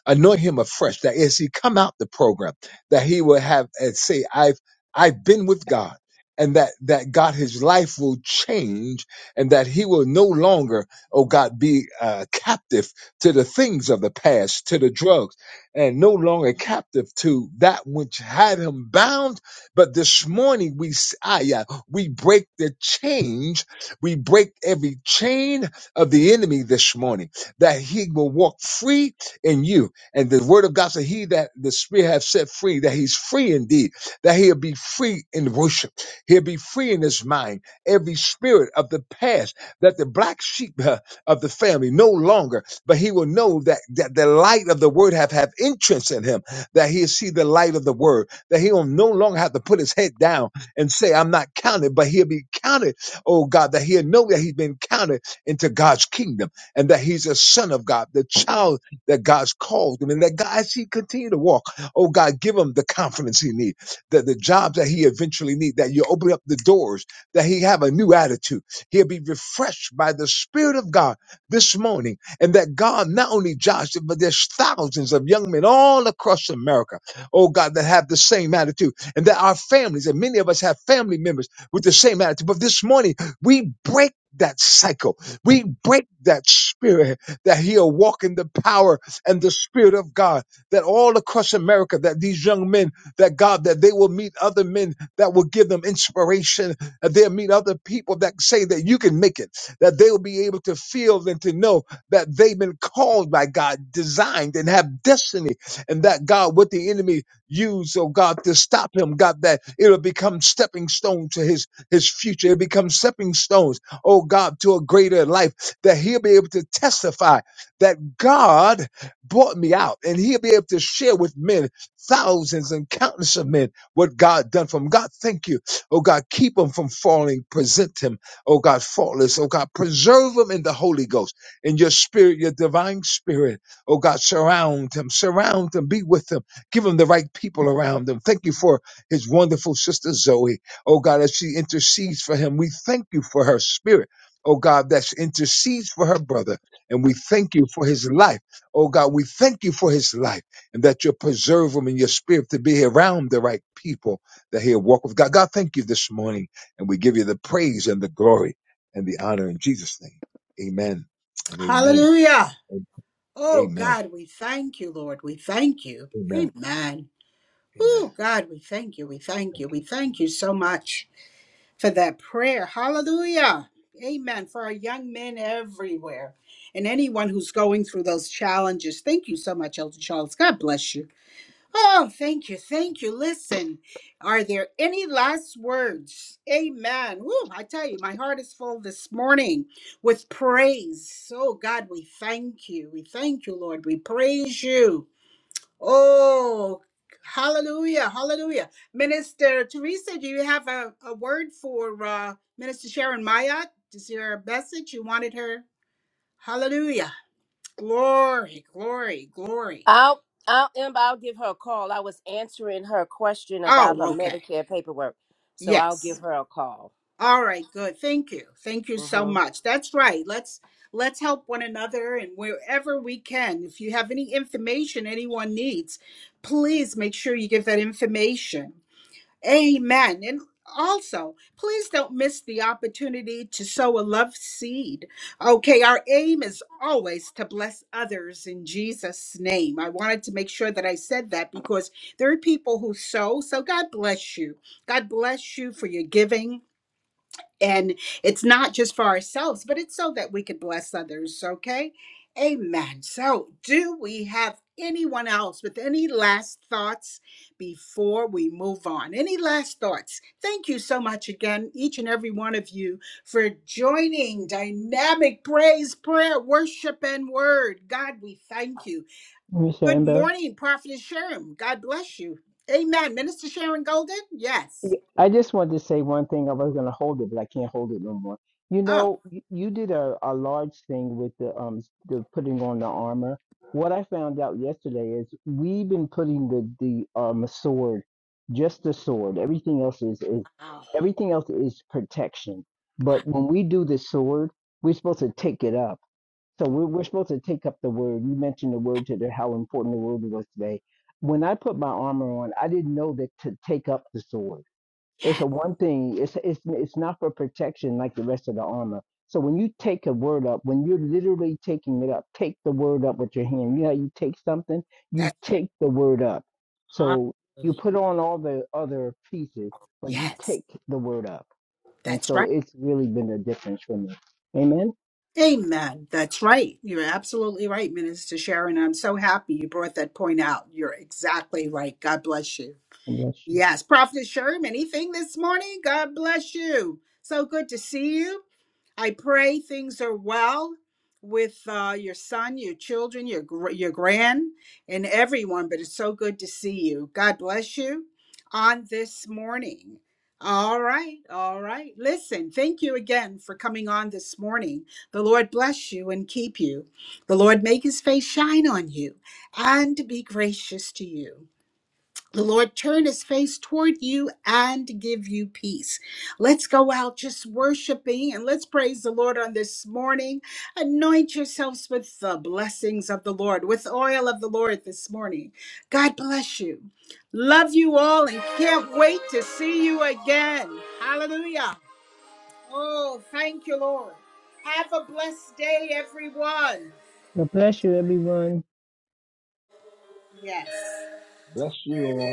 [SPEAKER 7] anoint him afresh that as he come out the program that he will have and say i've i've been with god and that that god his life will change and that he will no longer oh god be uh, captive to the things of the past to the drugs and no longer captive to that which had him bound but this morning we s- ah, yeah, we break the change we break every chain of the enemy this morning that he will walk free in you and the word of God said, He that the Spirit hath set free, that he's free indeed, that he'll be free in worship. He'll be free in his mind. Every spirit of the past, that the black sheep uh, of the family no longer, but he will know that, that the light of the word have, have entrance in him, that he'll see the light of the word, that he will no longer have to put his head down and say, I'm not counted, but he'll be counted, oh God, that he'll know that he's been counted into God's kingdom and that he's a son of God, the child that God's called him and that God, as he continue to walk, oh God, give him the confidence he need, the the jobs that he eventually need, that you open up the doors, that he have a new attitude. He'll be refreshed by the Spirit of God this morning. And that God, not only Joshua, but there's thousands of young men all across America, oh God, that have the same attitude. And that our families, and many of us have family members with the same attitude. But this morning, we break that cycle. We break that spirit that he'll walk in the power and the Spirit of God that all across America, that these young men, that God, that they will meet other men that will give them inspiration, that they'll meet other people that say that you can make it, that they will be able to feel and to know that they've been called by God, designed and have destiny, and that God, what the enemy used, oh God, to stop him, God, that it'll become stepping stone to his his future. It'll become stepping stones, oh God, to a greater life, that he'll be able to testify that God brought me out and he'll be able to share with men thousands and countless of men what god done for him god thank you oh god keep him from falling present him oh god faultless oh god preserve him in the holy ghost in your spirit your divine spirit oh god surround him surround him be with him give him the right people around him thank you for his wonderful sister zoe oh god as she intercedes for him we thank you for her spirit Oh God, that intercedes for her brother. And we thank you for his life. Oh God, we thank you for his life and that you preserve him in your spirit to be around the right people that he'll walk with God. God, thank you this morning. And we give you the praise and the glory and the honor in Jesus' name. Amen and amen.
[SPEAKER 1] Hallelujah.
[SPEAKER 7] and
[SPEAKER 1] Oh
[SPEAKER 7] Amen.
[SPEAKER 1] God, we thank you, Lord. We thank you.
[SPEAKER 7] Amen.
[SPEAKER 1] Amen. Oh
[SPEAKER 7] Amen.
[SPEAKER 1] God, we thank you. We thank you. We thank you so much for that prayer. Hallelujah. Amen. For our young men everywhere and anyone who's going through those challenges. Thank you so much, Elder Charles. God bless you. Oh, thank you. Thank you. Listen, are there any last words? Amen. Woo, I tell you, my heart is full this morning with praise. Oh, God, we thank you. We thank you, Lord. We praise you. Oh, hallelujah. Hallelujah. Minister Teresa, do you have a, a word for uh, Minister Sharon Mayat? Is there a message you wanted her? Hallelujah. Glory, glory, glory.
[SPEAKER 8] I'll, I'll, Amber, I'll give her a call. I was answering her question about her
[SPEAKER 1] Oh, okay.
[SPEAKER 8] Medicare paperwork. So I'll
[SPEAKER 1] Yes.
[SPEAKER 8] give her a call.
[SPEAKER 1] All right, good. Thank you. Thank you so
[SPEAKER 8] hmm
[SPEAKER 1] much. That's right. Let's let's help one another and wherever we can. If you have any information anyone needs, please make sure you give that information. Amen. And also, please don't miss the opportunity to sow a love seed. Okay, our aim is always to bless others in Jesus' name. I wanted to make sure that I said that because there are people who sow. So God bless you. God bless you for your giving. And it's not just for ourselves, but it's so that we could bless others, okay? Amen. So, do we have anyone else with any last thoughts before we move on? Any last thoughts? Thank you so much again, each and every one of you, for joining Dynamic Praise, Prayer, Worship, and Word. God, we thank you.
[SPEAKER 3] Mr.
[SPEAKER 1] Good
[SPEAKER 3] Ember?
[SPEAKER 1] morning, Prophet Sharon. God bless you. Amen. Minister Sharon Golden? Yes.
[SPEAKER 3] I just wanted to say one thing. I was going to hold it, but I can't hold it no more. You
[SPEAKER 1] Oh,
[SPEAKER 3] know, y- you did a, a large thing with the um s- the putting on the armor. What I found out yesterday is we've been putting the the um sword, just the sword. Everything else is is
[SPEAKER 1] wow.
[SPEAKER 3] everything else is protection.
[SPEAKER 1] Wow.
[SPEAKER 3] But when we do the sword, we're supposed to take it up. So we're, we're supposed to take up the word. You mentioned the word today, how important the word was today. When I put my armor on, I didn't know that to take up the sword. It's
[SPEAKER 1] Yes.
[SPEAKER 3] a one thing. It's it's it's not for protection like the rest of the armor. So when you take a word up, when you're literally taking it up, take the word up with your hand. You know, how you take something, you
[SPEAKER 1] That's right.
[SPEAKER 3] take the word up. So you
[SPEAKER 1] Hallelujah.
[SPEAKER 3] put on all the other pieces, but you
[SPEAKER 1] Yes,
[SPEAKER 3] take the word up. And
[SPEAKER 1] that's
[SPEAKER 3] so
[SPEAKER 1] right.
[SPEAKER 3] it's really been a difference for me. Amen.
[SPEAKER 1] Amen. That's right. You're absolutely right, Minister Sharon. I'm so happy you brought that point out. You're exactly right. God bless you.
[SPEAKER 3] Yes.
[SPEAKER 1] Yes, Prophet Sherm, anything this morning? God bless you. So good to see you. I pray things are well with uh, your son, your children, your gr- your grand, and everyone. But it's so good to see you. God bless you on this morning. All right, all right. Listen, thank you again for coming on this morning. The Lord bless you and keep you. The Lord make His face shine on you and be gracious to you. The Lord turn his face toward you and give you peace. Let's go out just worshiping and let's praise the Lord on this morning. Anoint yourselves with the blessings of the Lord, with oil of the Lord this morning. God bless you. Love you all and can't wait to see you again. Hallelujah. Oh, thank you, Lord. Have a blessed day, everyone.
[SPEAKER 3] God bless you, everyone.
[SPEAKER 1] Yes.
[SPEAKER 7] Bless you all.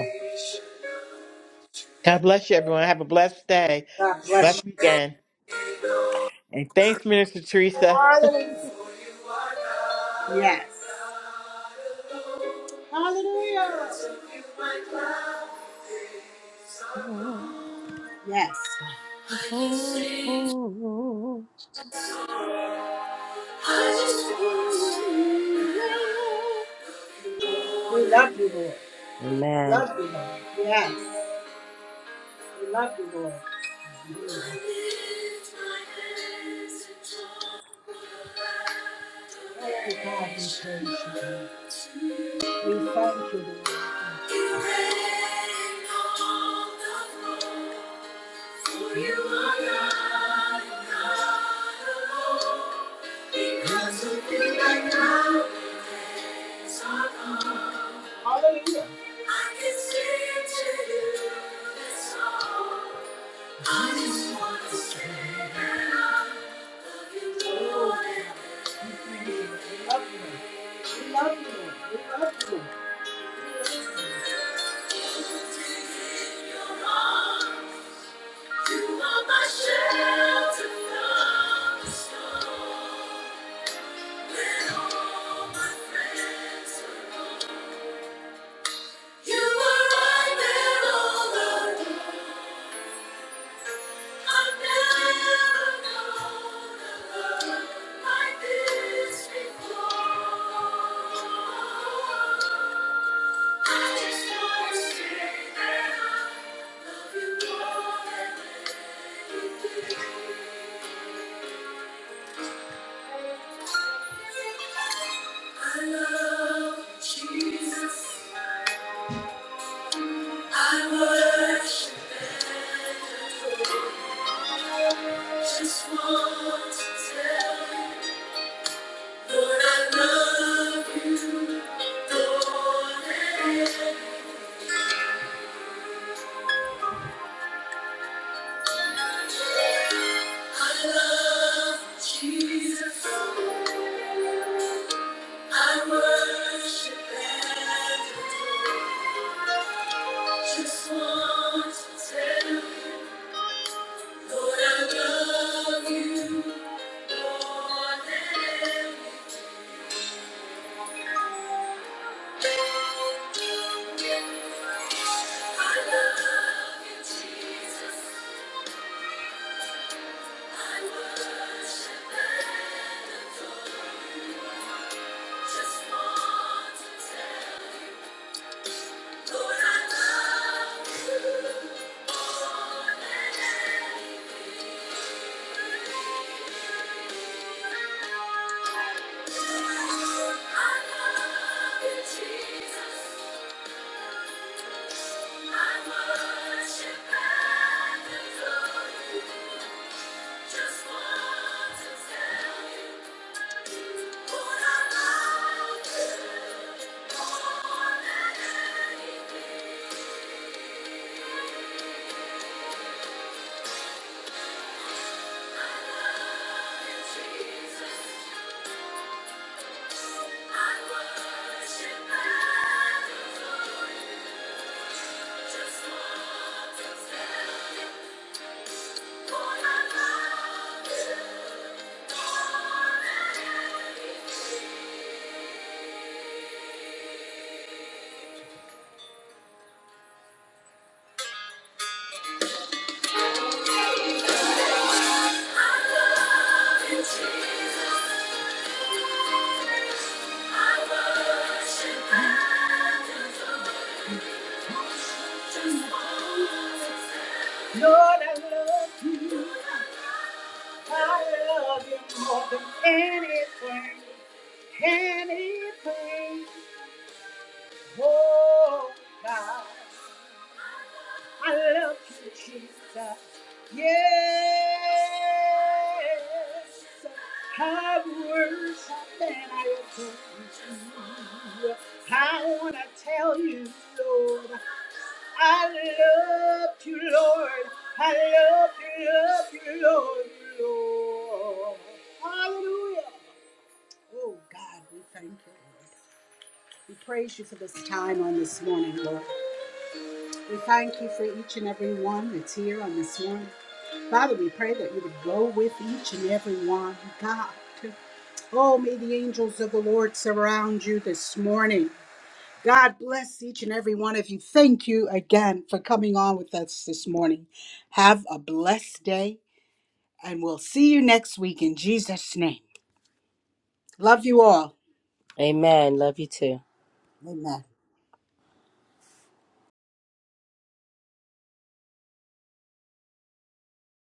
[SPEAKER 5] God bless you, everyone. Have a blessed day,
[SPEAKER 1] God bless you.
[SPEAKER 5] blessed weekend. And thanks, Minister Teresa.
[SPEAKER 1] Yes. Hallelujah. Yes. I can sing sorrow. I just want to know. We love you, Lord.
[SPEAKER 8] Amen.
[SPEAKER 1] Love you, Lord. Yes. We love you, Lord. Oh, God, we praise you. Lord. We thank you, Lord. You reign on the throne, for you are God God alone. Because of you, my mountains are gone. I can sing to you this song. I just want to say that I love you, Lord. And you're your arms. You are my shelter from the storm. I love Jesus. I worship and adore. Just want to tell you, Lord, I love you, Lord, and I love Jesus. I worship and adore. just want to tell you, Lord, I love you, Lord, and Thank you. Just want to tell you. Anything, oh God, I love you, Jesus. Yes, I worship and I adore you. I wanna tell you, Lord, I love you, Lord. I love you, love you, Lord, Lord. Hallelujah. Oh God, we thank you, Lord. We praise you for this time on this morning, Lord. We thank you for each and every one that's here on this morning. Father, we pray that you would go with each and every one. God, oh, may the angels of the Lord surround you this morning. God bless each and every one of you. Thank you again for coming on with us this morning. Have a blessed day, and we'll see you next week in Jesus' name. Love you all.
[SPEAKER 8] Amen. Love you too.
[SPEAKER 1] Amen.